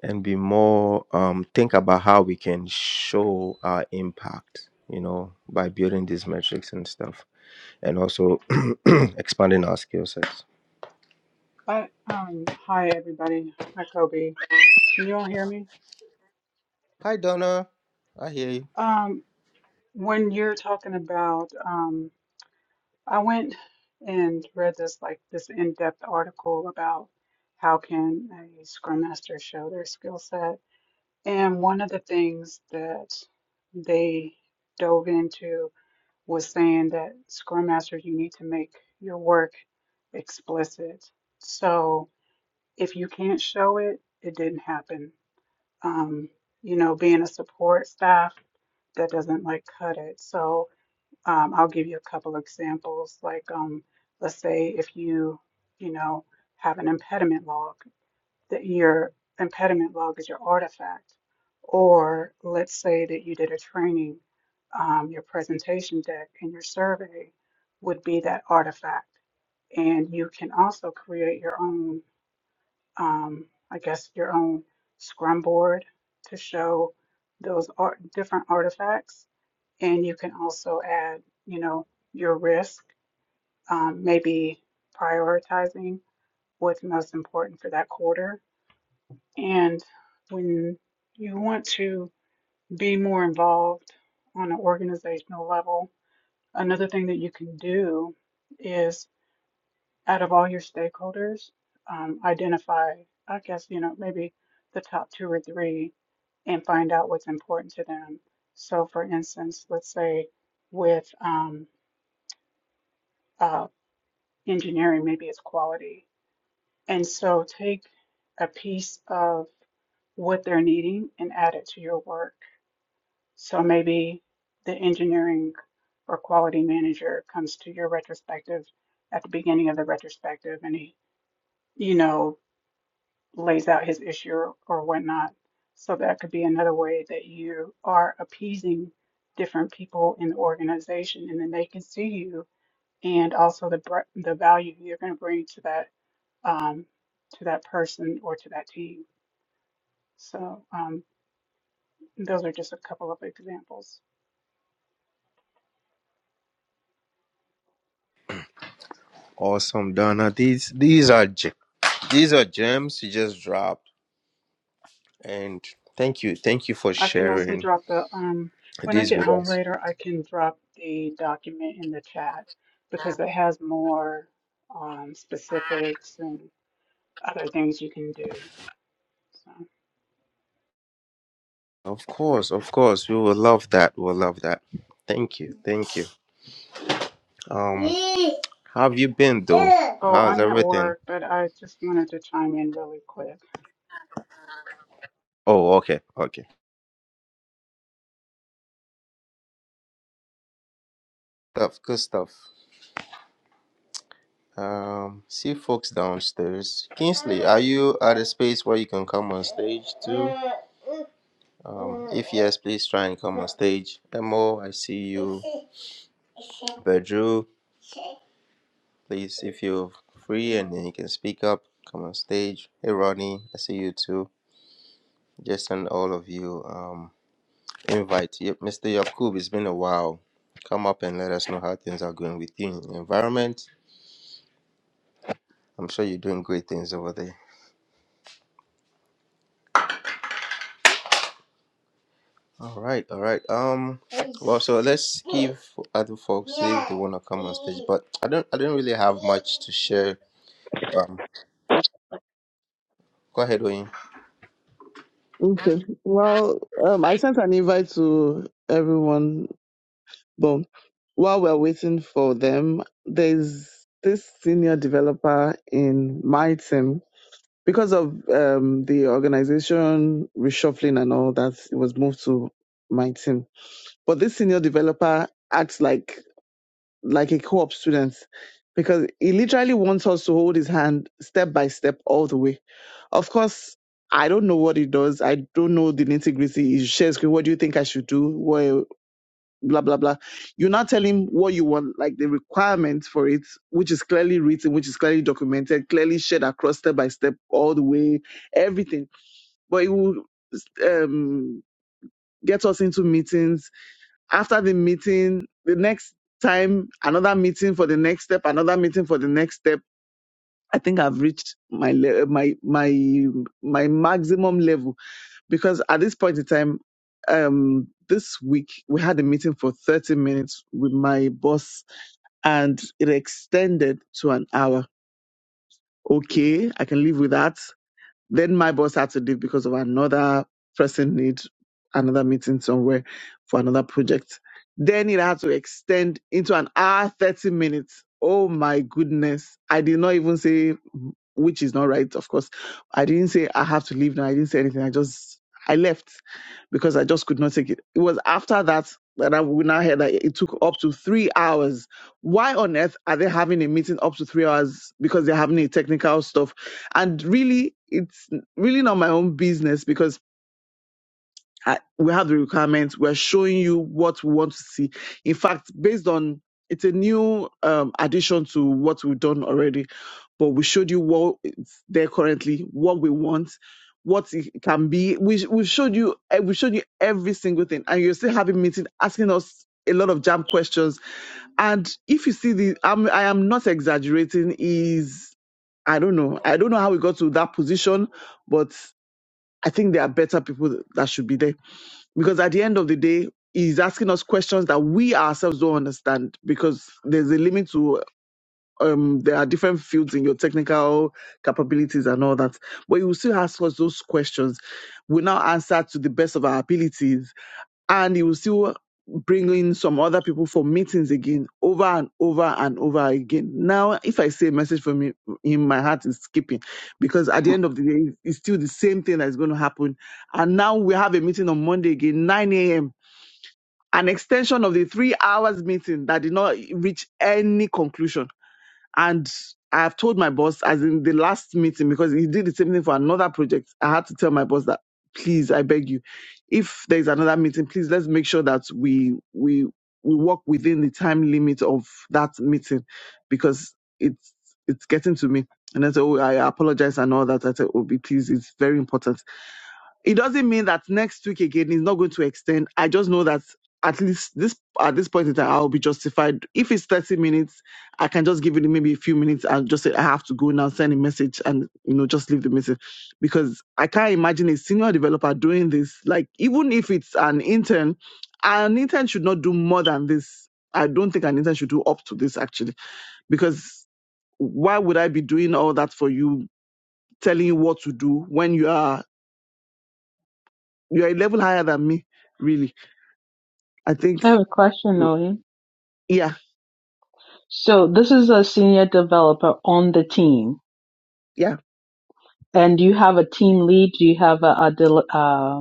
A: and be more um, think about how we can show our impact you know by building these metrics and stuff and also expanding our skill sets
E: But um, hi everybody, hi Kobe. Can you all hear me?
A: hi donna i hear you
E: Um, when you're talking about, um, I went and read this like this in-depth article about how can a Scrum Master show their skill set, and one of the things that they dove into was saying that Scrum Masters, you need to make your work explicit. So if you can't show it, it didn't happen um, you know, being a support staff, that doesn't like cut it. So um, I'll give you a couple examples. Like, um, let's say if you, you know, have an impediment log, that your impediment log is your artifact. Or let's say that you did a training, um, your presentation deck and your survey would be that artifact. And you can also create your own um, I guess your own scrum board to show those art, different artifacts. And you can also add, you know, your risk, um, maybe prioritizing what's most important for that quarter. And when you want to be more involved on an organizational level, another thing that you can do is. out of all your stakeholders, um, identify, I guess, you know, maybe the top two or three and find out what's important to them. So, for instance, let's say with um, uh, engineering, maybe it's quality. And so take a piece of what they're needing and add it to your work. So maybe the engineering or quality manager comes to your retrospective at the beginning of the retrospective and he, you know, lays out his issue or, or whatnot. So that could be another way that you are appeasing different people in the organization, and then they can see you and also the br- the value you're going to bring to that um, to that person or to that team. So um, those are just a couple of examples.
A: awesome donna these these are ge- these are gems you just dropped and thank you thank you for
E: I can also
A: sharing
E: drop the um, when I
A: these
E: get
A: with
E: home
A: us
E: later, I can drop the document in the chat because it has more um, specifics and other things you can do. So,
A: of course of course we will love that we'll love that thank you thank you um how have you been though
E: oh,
A: how's
E: I'm at
A: everything
E: work, but I just wanted to chime in really quick.
A: Oh, okay, okay. Stuff, good stuff. Um, see folks downstairs. Kingsley, are you at a space where you can come on stage too? Um, if yes, please try and come on stage. Emo, I see you. Bedru, please, if you're free and then you can speak up, come on stage. Hey, Ronnie, I see you too. Just send all of you um invite. Yep, Mr. Yakub, it's been a while. Come up and let us know how things are going with you in your environment I'm sure you're doing great things over there. All right, all right. Um, well, so let's give other folks if they wanna come on stage. But I don't, I don't really have much to share. Um, go ahead, Oyin.
C: Okay. Well, um, I sent an invite to everyone, but while we're waiting for them, there's this senior developer in my team because of um, the organization reshuffling and all that, it was moved to my team. But this senior developer acts like like a co-op student because he literally wants us to hold his hand step by step all the way. Of course, I don't know what he does. I don't know the nitty gritty. He shares, "Okay, what do you think I should do? Well, blah blah blah. you now tell him what you want, like the requirements for it, which is clearly written, which is clearly documented, clearly shared across step by step all the way everything but it will um, get us into meetings. After the meeting, the next time, another meeting for the next step, another meeting for the next step. I think I've reached my le- my my my maximum level because at this point in time, um, this week we had a meeting for thirty minutes with my boss, and it extended to an hour. Okay, I can live with that. Then my boss had to leave because of another pressing need, another meeting somewhere for another project. Then it had to extend into an hour, 30 minutes. Oh my goodness. I did not even say which is not right, of course. I didn't say I have to leave now. I didn't say anything. I just I left because I just could not take it. It was after that that I we now heard that it took up to three hours. Why on earth are they having a meeting up to three hours? Because they're having a technical stuff, and really, it's really not my own business because I- we have the requirements. We're showing you what we want to see. In fact, based on it's a new um, addition to what we've done already, but we showed you what is there currently, what we want, what it can be. We we showed you eh, we showed you every single thing, and you're still having meeting asking us a lot of jam questions. And if you see the, I'm, I am not exaggerating. Is I don't know. I don't know how we got to that position, but I think there are better people that should be there because at the end of the day, he's asking us questions that we ourselves don't understand because there's a limit to um there are different fields in your technical capabilities and all that. But he will still ask us those questions. We now answer to the best of our abilities and he will still bring in some other people for meetings again over and over and over again. Now, if I say a message from him, him, my heart is skipping because at the end of the day, it's still the same thing that's going to happen. And now we have a meeting on Monday again, 9 a.m., an extension of the three hours meeting that did not reach any conclusion and I've told my boss, as in the last meeting, because he did the same thing for another project. I had to tell my boss that, please, I beg you, if there is another meeting, please let's make sure that we we we work within the time limit of that meeting, because it's it's getting to me. And I said, oh, I apologize and all that. I said, Obi, please, it's very important it doesn't mean that next week again is not going to extend. I just know that at least this at this point in time I'll be justified. If it's 30 minutes, I can just give it maybe a few minutes and just say I have to go now, send a message and you know, just leave the message. Because I can't imagine a senior developer doing this. Like even if it's an intern, an intern should not do more than this. I don't think an intern should do up to this actually. Because why would I be doing all that for you, telling you what to do when you are you're a level higher than me, really. I think,
D: I have a question, Odin.
C: yeah,
D: So this is a senior developer on the team,
C: yeah.
D: and do you have a team lead? Do you have a, a, del- uh,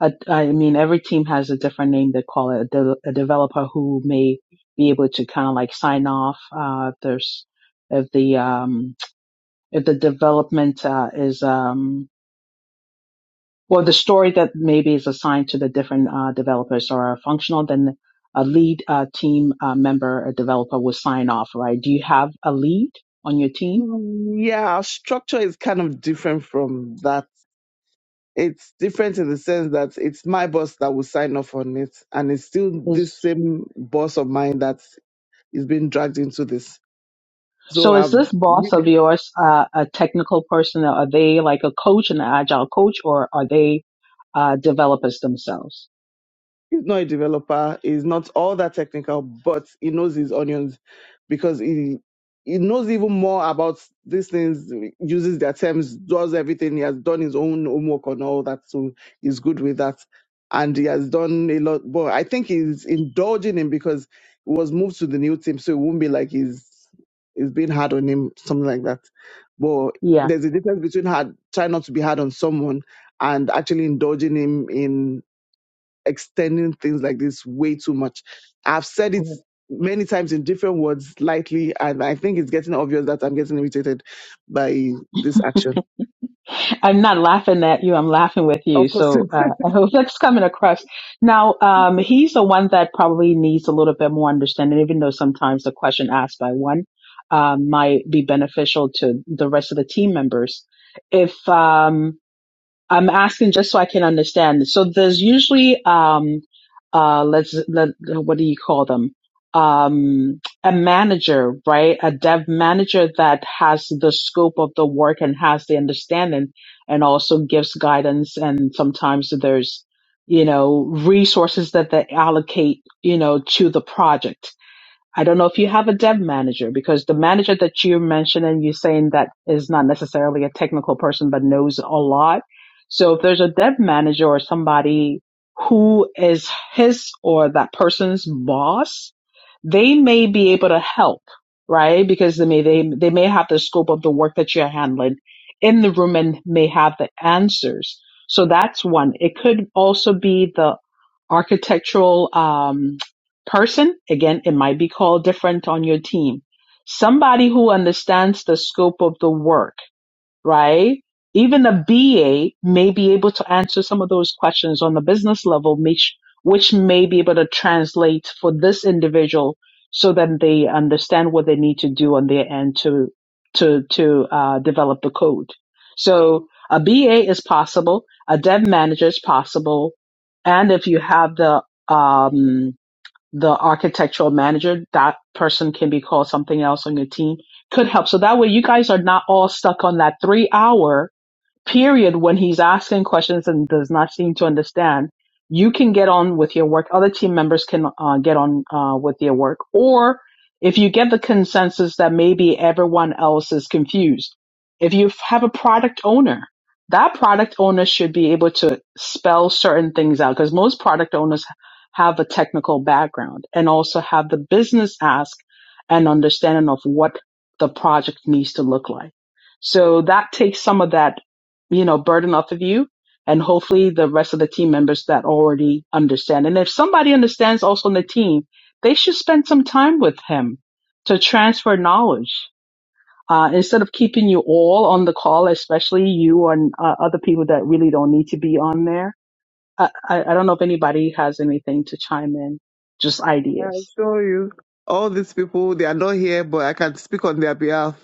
D: a I mean, every team has a different name they call it. A, de- a developer who may be able to kind of like sign off. Uh, if there's if the um, if the development uh, is um, Well, the story that maybe is assigned to the different uh, developers or functional, then a lead uh, team uh, member, a developer will sign off, right? Do you have a lead on your team?
C: Mm, Yeah, our structure is kind of different from that. It's different in the sense that it's my boss that will sign off on it, and it's still this
D: Is
C: same boss of mine that is being dragged into this. So
D: so is
C: I've
D: this boss of yours uh, a technical person? Or are they like a coach, an agile coach, or are they uh, developers themselves?
C: he's not a developer. He's not all that technical, but he knows his onions because he he knows even more about these things. Uses their terms, does everything. He has done his own homework on all that, so he's good with that. And he has done a lot. But I think he's indulging him because he was moved to the new team, so it won't be like he's he's being hard on him, something like that. But
D: Yeah.
C: there's a difference between hard, trying not to be hard on someone and actually indulging him in extending things like this way too much. I've said it many times in different words, lightly, and I think it's getting obvious that I'm getting irritated by this action.
D: I'm not laughing at you. I'm laughing with you.
C: Of course.
D: So uh, I hope that's coming across. Now, um, he's the one that probably needs a little bit more understanding, even though sometimes the question asked by one um, might be beneficial to the rest of the team members. If um, I'm asking just so I can understand. So there's usually um uh let's let, what do you call them? Um a manager, right? A dev manager that has the scope of the work and has the understanding and also gives guidance and sometimes there's you know resources that they allocate, you know, to the project I don't know if you have a dev manager because the manager that you're mentioning, you're saying that is not necessarily a technical person, but knows a lot. So if there's a dev manager or somebody who is his or that person's boss, they may be able to help, right? Because they may, they, they may have the scope of the work that you're handling in the room and may have the answers. So that's one. It could also be the architectural, um, person, again, it might be called different on your team. Somebody who understands the scope of the work, right? Even a BA may be able to answer some of those questions on the business level, which, which may be able to translate for this individual so that they understand what they need to do on their end to, to, to uh, develop the code. So a BA is possible. A dev manager is possible. And if you have the, um, the architectural manager, that person can be called something else on your team, could help. So that way you guys are not all stuck on that three hour period when he's asking questions and does not seem to understand, you can get on with your work. Other team members can uh, get on uh, with their work. Or if you get the consensus that maybe everyone else is confused, if you have a product owner, that product owner should be able to spell certain things out because most product owners have a technical background and also have the business ask and understanding of what the project needs to look like. So that takes some of that you know, burden off of you. And hopefully the rest of the team members that already understand. And if somebody understands also on the team, they should spend some time with him to transfer knowledge. Uh, instead of keeping you all on the call, especially you and uh, other people that really don't need to be on there. I, I, I don't know if anybody has anything to chime in, just
C: I
D: ideas.
C: assure you, all these people, they are not here, but I can speak on their behalf.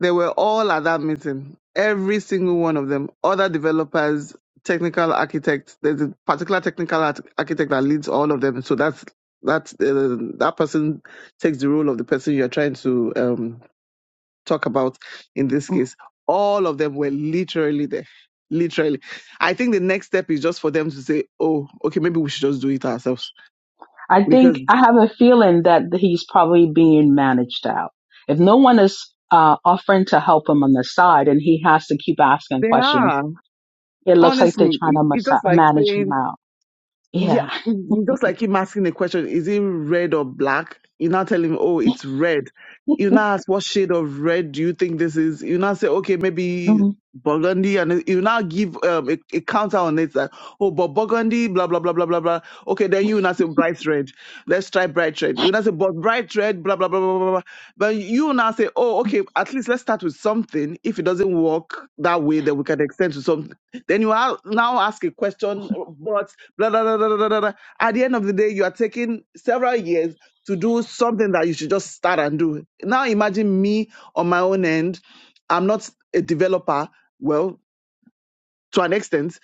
C: They were all at that meeting. Every single one of them, other developers, technical architects. There's a particular technical arch- architect that leads all of them. So that's that's uh, that person takes the role of the person you're trying to um, talk about in this
D: Mm,
C: case. All of them were literally there. Literally, I think the next step is just for them to say, "Oh, okay, maybe we should just do it ourselves,"
D: I think
C: because
D: I have a feeling that he's probably being managed out. If no one is uh, offering to help him on the side and he has to keep asking
C: they
D: questions,
C: are
D: it looks like they're
C: honestly.
D: trying to
C: It, it's
D: masa-
C: just like
D: manage
C: saying
D: him out.
C: Yeah,
D: Yeah.
C: mm, just like him asking a question, is it red or black? You now tell him, oh, it's red. You now ask, what shade of red do you think this is? You now say, okay, maybe
D: Mhm.
C: burgundy. And you now give um, a, a counter on it that, oh, but burgundy, blah, blah, blah, blah, blah, blah. Okay, then you now say bright red. Let's try bright red. You now say, but bright red, blah, blah, blah, blah, blah, blah. But you now say, oh, okay, at least let's start with something. If it doesn't work that way, then we can extend to something. Then you are now ask a question, but blah, blah, blah, blah, blah, blah, blah. At the end of the day, you are taking several years to do something that you should just start and do. Now imagine me on my own end. I'm not a developer. Well, to an extent.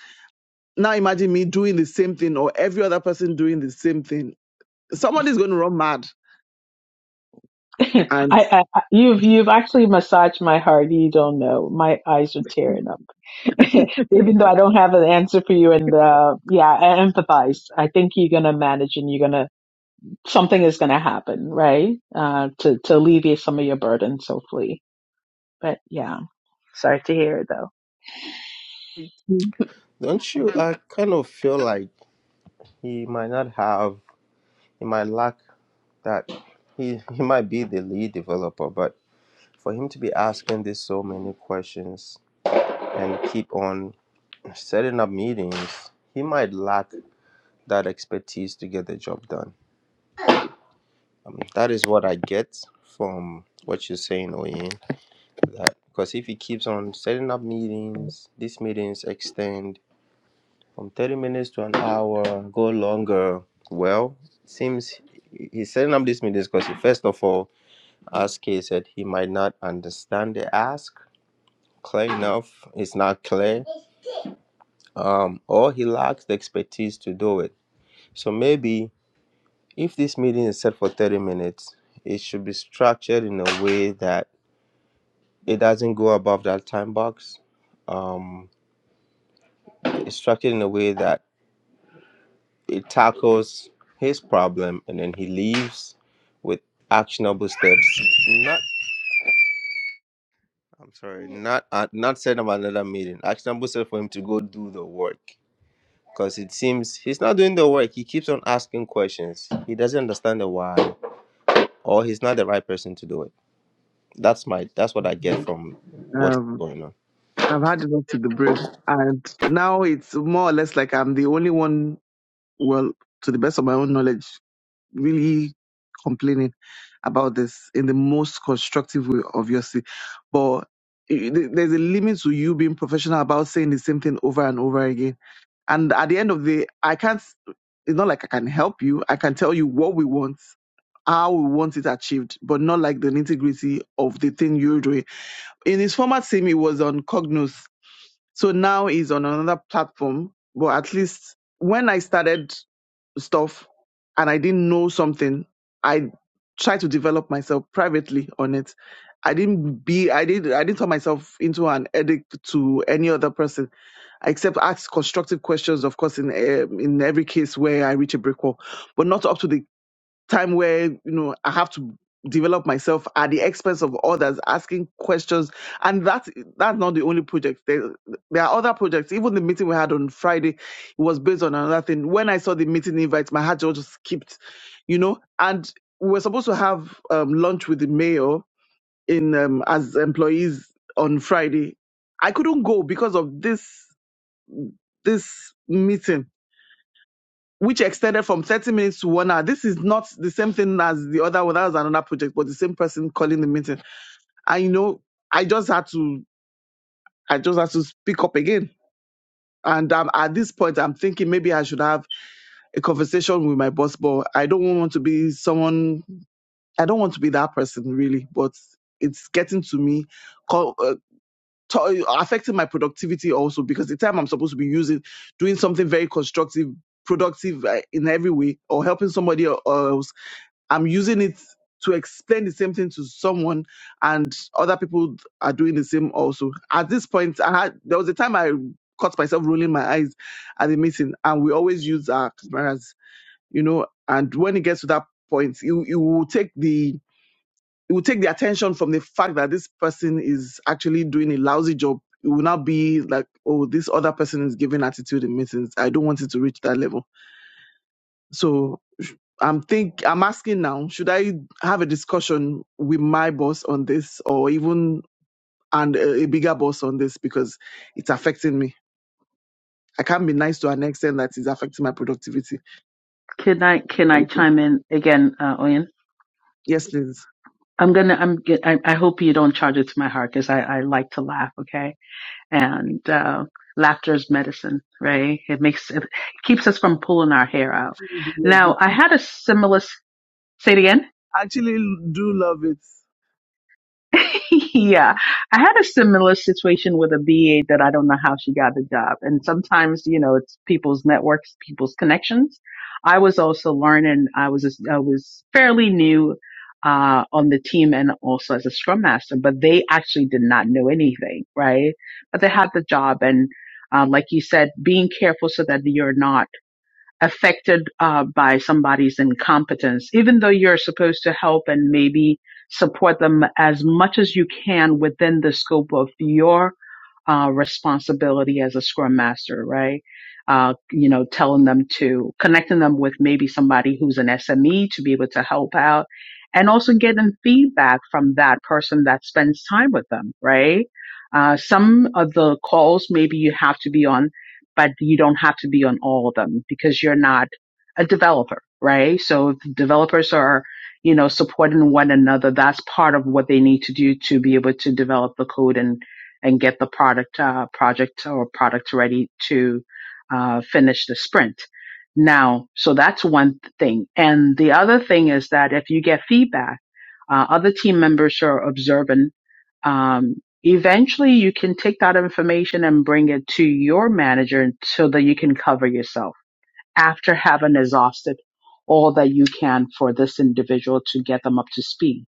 C: Now imagine me doing the same thing or every other person doing the same thing. Somebody's going to run mad.
D: I,
C: And
D: I, I- you've, you've actually massaged my heart. You don't know. My eyes are tearing up. even though I don't have an answer for you. And uh, yeah, I empathize. I think you're gonna manage, and you're gonna something is gonna happen, right? Uh, to to alleviate some of your burdens, hopefully. But yeah, sorry to hear it though.
A: Don't you? I kind of feel like he might not have, he might lack that. He he might be the lead developer, but for him to be asking this so many questions and keep on setting up meetings, he might lack that expertise to get the job done. Um, that is what I get from what you're saying, Oyin. That because if he keeps on setting up meetings, these meetings extend from 30 minutes to an hour, go longer. Well, it seems he- he's setting up these meetings because he first of all, as Kay said, he might not understand the ask clear enough. It's not clear um, or he lacks the expertise to do it. So maybe if this meeting is set for 30 minutes, it should be structured in a way that It doesn't go above that time box. Um, it's structured in a way that it tackles his problem and then he leaves with actionable steps. Not, I'm sorry, not uh, not set up another meeting. Actionable steps for him to go do the work. Because it seems he's not doing the work. He keeps on asking questions. He doesn't understand the why, or he's not the right person to do it. That's my that's what I get from what's
C: um,
A: going on.
C: I've had enough to the brim. And now it's more or less like I'm the only one, well, to the best of my own knowledge, really complaining about this in the most constructive way, obviously. But i- th- there's a limit to you being professional about saying the same thing over and over again. And at the end of the day, I can't, it's not like I can help you. I can tell you what we want, how we want it achieved, but not like the nitty gritty of the thing you're doing. In his former team, he was on Cognos. So now he's on another platform. But at least when I started stuff and I didn't know something, I tried to develop myself privately on it. I didn't be I did I didn't turn myself into an addict to any other person I except ask constructive questions of course in um, in every case where I reach a brick wall but not up to the time where you know I have to develop myself at the expense of others, asking questions, and that's that's not the only project. There, there are other projects. Even the meeting we had on Friday it was based on another thing. When I saw the meeting invite, my heart just skipped, you know. And we were supposed to have um, lunch with the mayor in um, as employees on Friday. I couldn't go because of this this meeting which extended from 30 minutes to one hour. This is not the same thing as the other one. That was another project, but the same person calling the meeting. And you know, I just had to, I just had to speak up again. And um, at this point, I'm thinking maybe I should have a conversation with my boss, but I don't want to be someone, I don't want to be that person really, but it's getting to me, co- uh, to- uh, affecting my productivity also because the time I'm supposed to be using, doing something very constructive, productive uh, in every way, or helping somebody else I'm using it to explain the same thing to someone, and other people are doing the same also. At this point, I had there was a time I caught myself rolling my eyes at the meeting, and we always use our cameras, you know. And when it gets to that point, you you will take the it will take the attention from the fact that this person is actually doing a lousy job. It will not be like, oh, this other person is giving attitude in meetings. I don't want it to reach that level. So I'm think I'm asking now, should I have a discussion with my boss on this or even and a, a bigger boss on this because it's affecting me. I can't be nice to an extent that is affecting my productivity.
D: Can I can I
C: Thank you.
D: chime in again, uh, Oyen?
C: Yes, please.
D: I'm gonna I'm ge- I, I hope you don't charge it to my heart because I I like to laugh, okay? And uh, laughter is medicine, right? It makes it keeps us from pulling our hair out.
C: Actually do love
D: Now I
C: it.
D: had a similar. s- Say it again.
C: Actually do love it.
D: yeah, I had a similar situation with a BA that I don't know how she got the job. And sometimes, you know, it's people's networks, people's connections. I was also learning. I was, I was fairly new, uh, on the team and also as a scrum master, but they actually did not know anything, right? But they had the job and, um, like you said, being careful so that you're not affected uh, by somebody's incompetence, even though you're supposed to help and maybe support them as much as you can within the scope of your uh, responsibility as a scrum master, right? Uh, you know, telling them to connecting them with maybe somebody who's an SME to be able to help out and also getting feedback from that person that spends time with them, right? Uh, some of the calls maybe you have to be on, but you don't have to be on all of them because you're not a developer, right? So if developers are, you know, supporting one another, that's part of what they need to do to be able to develop the code and and get the product uh, project or product ready to uh, finish the sprint. Now, so that's one thing. And the other thing is that if you get feedback, uh, other team members are observant. Um, eventually, you can take that information and bring it to your manager so that you can cover yourself after having exhausted all that you can for this individual to get them up to speed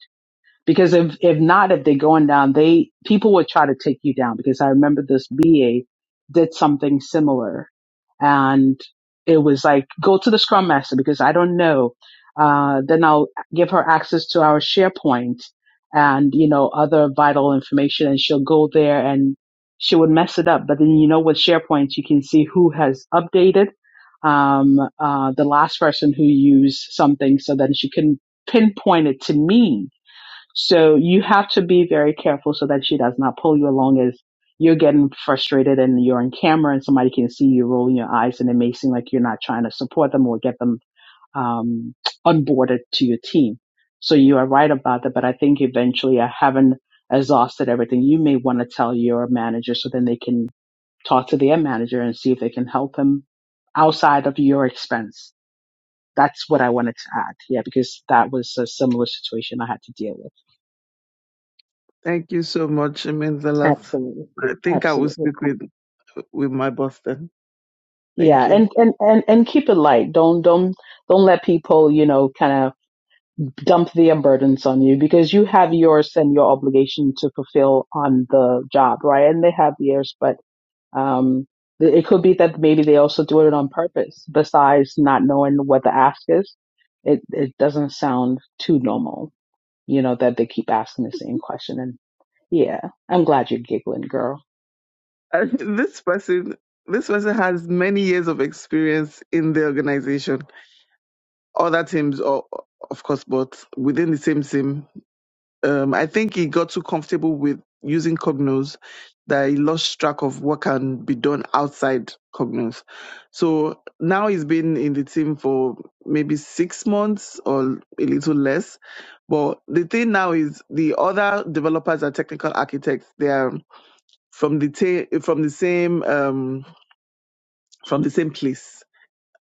D: because if if not, if they're going down, they people would try to take you down. Because I remember this BA did something similar, and it was like go to the Scrum Master because I don't know. Uh, then I'll give her access to our SharePoint and you know other vital information, and she'll go there and she would mess it up. But then you know with SharePoint, you can see who has updated um, uh, the last person who used something, so then she can pinpoint it to me so you have to be very careful so that she does not pull you along as you're getting frustrated and you're on camera and somebody can see you rolling your eyes and it may seem like you're not trying to support them or get them um, onboarded to your team. So you are right about that, but I think eventually I haven't exhausted everything. You may want to tell your manager so then they can talk to their manager and see if they can help him outside of your expense. That's what I wanted to add. Yeah, because that was a similar situation I had to deal with.
C: Thank you so much. It means a lot.
D: Absolutely.
C: I think I will
D: Absolutely.
C: speak with with my boss then. Thank
D: Yeah.
C: you.
D: And, and, and, and keep it light. Don't, don't, don't let people, you know, kind of dump their burdens on you because you have yours and your obligation to fulfill on the job, right? And they have theirs, but, um, th- it could be that maybe they also do it on purpose besides not knowing what the ask is. It, it doesn't sound too normal, you know, that they keep asking the same question. And yeah, I'm glad you're giggling, girl.
C: this person this person has many years of experience in the organization other teams, or of course, but within the same team. Um, I think he got too comfortable with using Cognos that he lost track of what can be done outside Cognos. So now he's been in the team for maybe six months or a little less. But the thing now is the other developers are technical architects. They are from the ta- from the same um, from the same place.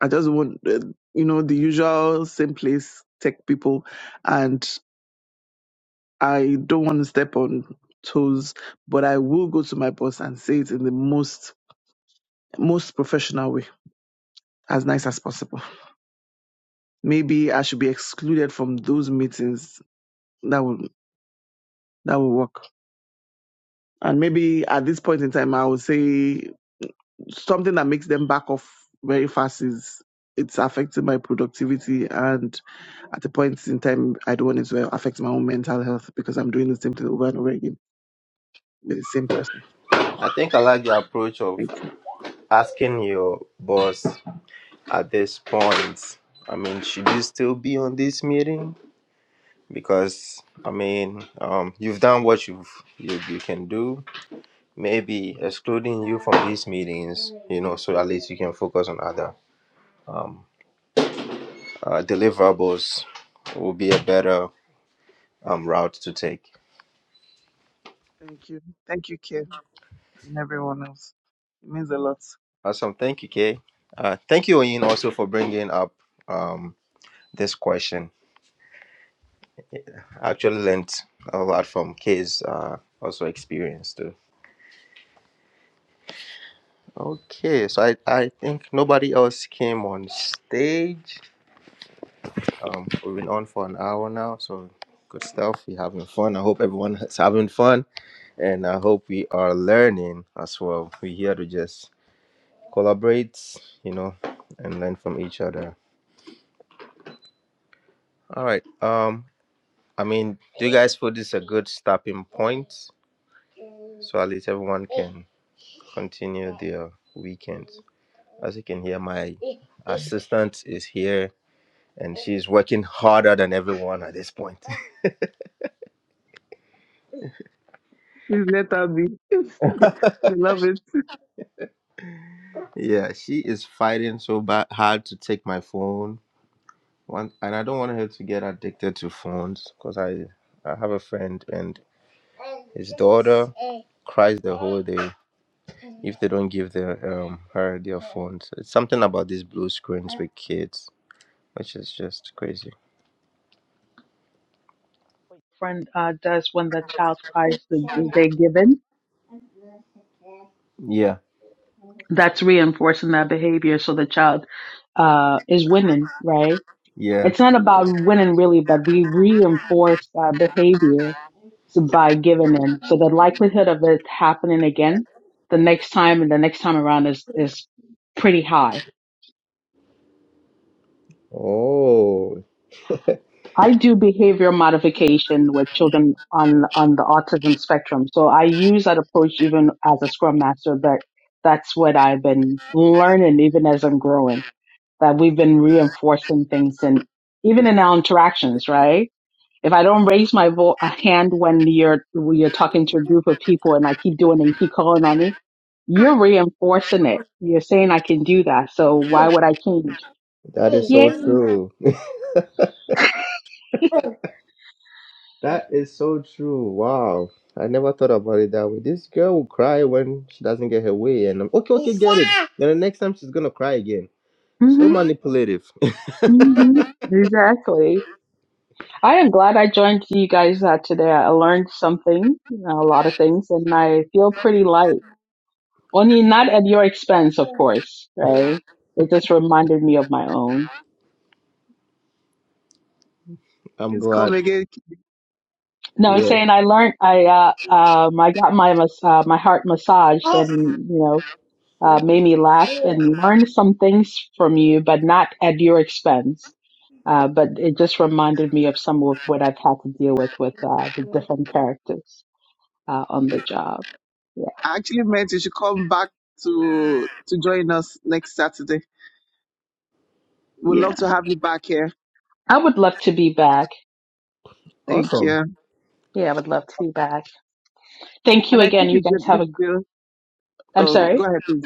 C: I just want, uh, you know, the usual same place tech people, and I don't want to step on toes, but I will go to my boss and say it in the most most professional way, as nice as possible. Maybe I should be excluded from those meetings. That would that would work. And maybe at this point in time, I would say something that makes them back off very fast is it's affecting my productivity and At the point in time, I don't want it to affect my own mental health because I'm doing the same thing over and over again with the same person.
A: I think I like the approach of
C: Thank you.
A: asking your boss at this point, I mean, should you still be on this meeting? Because I mean, um, you've done what you've you, you can do. Maybe excluding you from these meetings, you know, so at least you can focus on other um, uh, deliverables will be a better um, route to take.
C: Thank you. Thank you, Kim, and everyone else. It means a lot.
A: Awesome, thank you, Kay. Uh, thank you, Oyin, also for bringing up um, this question. I actually learned a lot from Kay's uh, also experience too. Okay, so I, I think nobody else came on stage. Um, we've been on for an hour now, so good stuff. We're having fun. I hope everyone is having fun, and I hope we are learning as well. We're here to just collaborate, you know, and learn from each other. All right. Um, I mean, do you guys feel this is a good stopping point? So at least everyone can continue their weekends. As you can hear, my assistant is here and she's working harder than everyone at this point.
C: Please let her be. we love it.
A: yeah, she is fighting so bad hard to take my phone. One, and I don't want her to get addicted to phones because I, I have a friend and his daughter cries the whole day if they don't give their um her their phones. It's something about these blue screens with kids, which is just crazy.
D: friend uh, does when the child cries the, the they're given
A: Yeah,
D: that's reinforcing that behavior so the child uh, is winning right
A: yeah.
D: it's not about winning really but we reinforce uh, behavior so by giving in so the likelihood of it happening again the next time and the next time around is is pretty high
A: Oh,
D: I do behavior modification with children on on the autism spectrum. So I use that approach even as a scrum master, but that's what I've been learning even as I'm growing. That we've been reinforcing things and even in our interactions, right? If I don't raise my vo- a hand when you're when you're talking to a group of people and I keep doing it, you keep calling on me, you're reinforcing it. You're saying I can do that, so why would I change?
A: that is so
D: Yay!
A: true. that is so true. Wow. I never thought about it that way. This girl will cry when she doesn't get her way, and I'm okay, okay, get it. Then the next time she's gonna cry again. So
D: Mm-hmm.
A: manipulative.
D: Mm-hmm. Exactly. I am glad I joined you guys uh, today. I learned something, a lot of things, and I feel pretty light. Only not at your expense, of course, right? It just reminded me of my own.
A: I'm
C: Please come
A: glad.
C: again.
D: No, I'm
A: Yeah.
D: saying I learned. I uh, um, I got my mas- uh, my heart massaged, and you know, uh, made me laugh and learn some things from you, but not at your expense. Uh, but it just reminded me of some of what I've had to deal with with uh, the different characters uh, on
C: Kim.
D: the job. Yeah.
C: I actually meant you should come back to to join us next Saturday. We'd
D: Yeah.
C: love to have you back here.
D: I would love to be back.
C: Thank
A: Awesome.
C: you.
D: Yeah, I would love to be back. Thank you
C: And I
D: again.
C: think
D: You
C: it's a
D: guys have a.
C: big deal.
D: I'm
C: Oh, go
D: sorry.
C: ahead, please.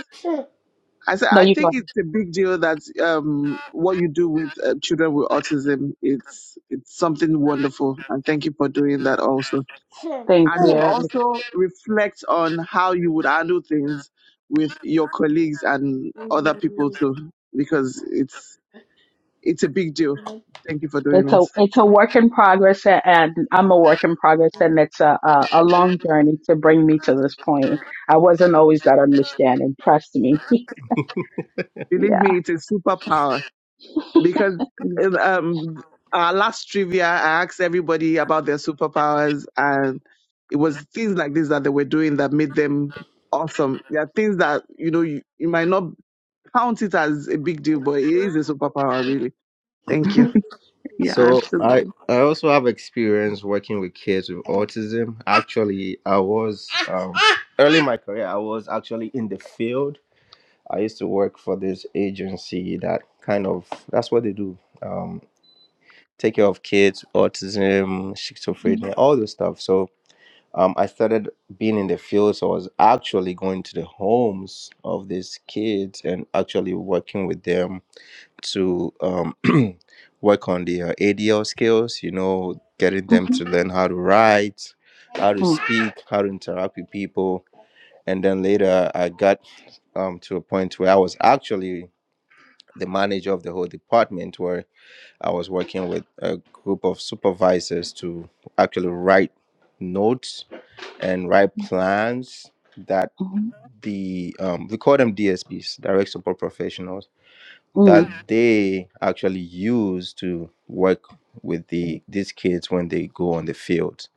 C: I said
D: No,
C: I
D: you
C: think
D: go ahead.
C: it's a big deal that um, what you do with uh, children with autism it's it's something wonderful, and thank you for doing that also.
D: Thank
C: And it
D: you.
C: also reflects on how you would handle things with your colleagues and other people too, because it's it's a big deal. Thank you for doing
D: It's
C: it.
D: a it's a work in progress, a- and I'm a work in progress, and it's a, a a long journey to bring me to this point. I wasn't always that understanding. Trust me.
C: Believe
D: Yeah.
C: me, it's a superpower. because
D: Yeah.
C: in, um our last trivia I asked everybody about their superpowers and it was things like this that they were doing that made them awesome. There are things that you know you, you might not count it as a big deal, but it is a superpower really. Thank you.
D: yeah
A: So I
D: absolutely.
A: I also have experience working with kids with autism. Actually, I was um, early in my career. I was actually in the field. I used to work for this agency that kind of that's what they do. Um, take care of kids, autism,
D: Mhm.
A: schizophrenia, all this stuff. So um, I started being in the field. So I was actually going to the homes of these kids and actually working with them to um, work on their ADL skills, you know, getting them to
D: Mhm.
A: learn how to write, how to speak, how to interact with people. And then later I got um, to a point where I was actually the manager of the whole department where I was working with a group of supervisors to actually write notes and write
D: Mhm.
A: plans that the um, we call them DSPs, direct support professionals,
D: Mhm.
A: that Mhm. they actually use to work with the these kids when they go on the field.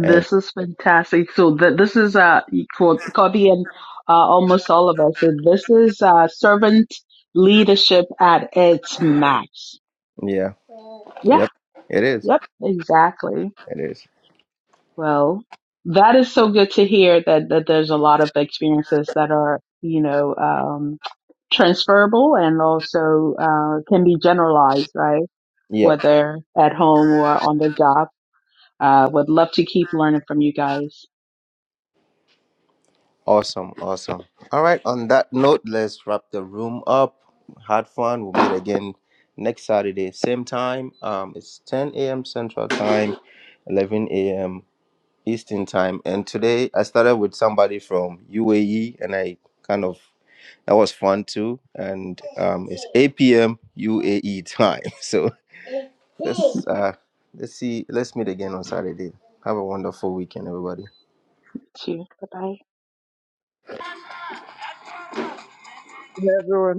A: And
D: is fantastic. So th this is uh for Cody and uh, almost all of us. And this is uh, servant leadership at its max.
A: yeah,
D: Yeah.
A: yep, it is,
D: Yep. Exactly.
A: it is,
D: Well, that is so good to hear that that there's a lot of experiences that are you know um, transferable and also uh, can be generalized, right?
A: yep,
D: Whether at home or on the job. Uh, would love to keep learning from you guys
A: Awesome, awesome. All right, on that note, let's wrap the room up. Had fun. We'll meet again next Saturday, same time. Um, it's 10 a.m. Central Time, 11 a.m. Eastern Time. And today I started with somebody from UAE, and I kind of that was fun too. And um, it's 8 p.m. UAE time. So let's uh, let's see. Let's meet again on Saturday. Have a wonderful weekend, everybody.
D: too. Bye bye.
C: Yeah, everyone.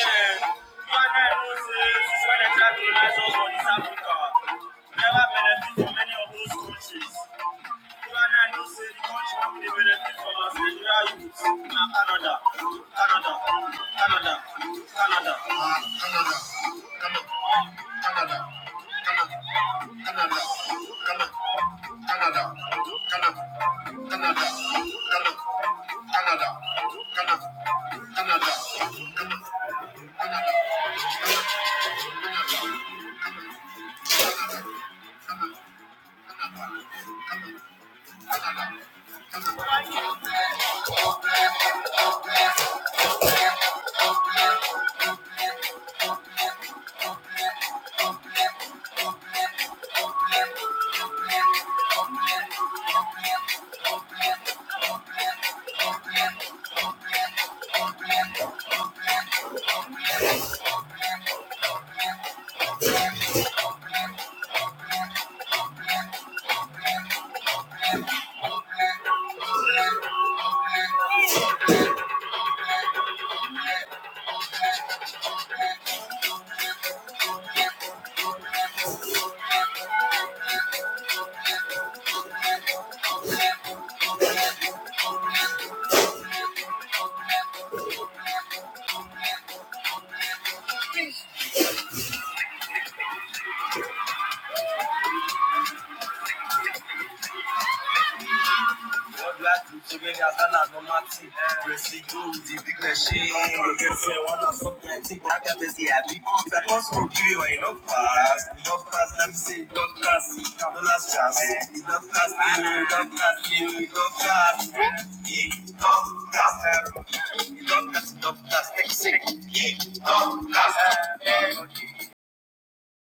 A: not If I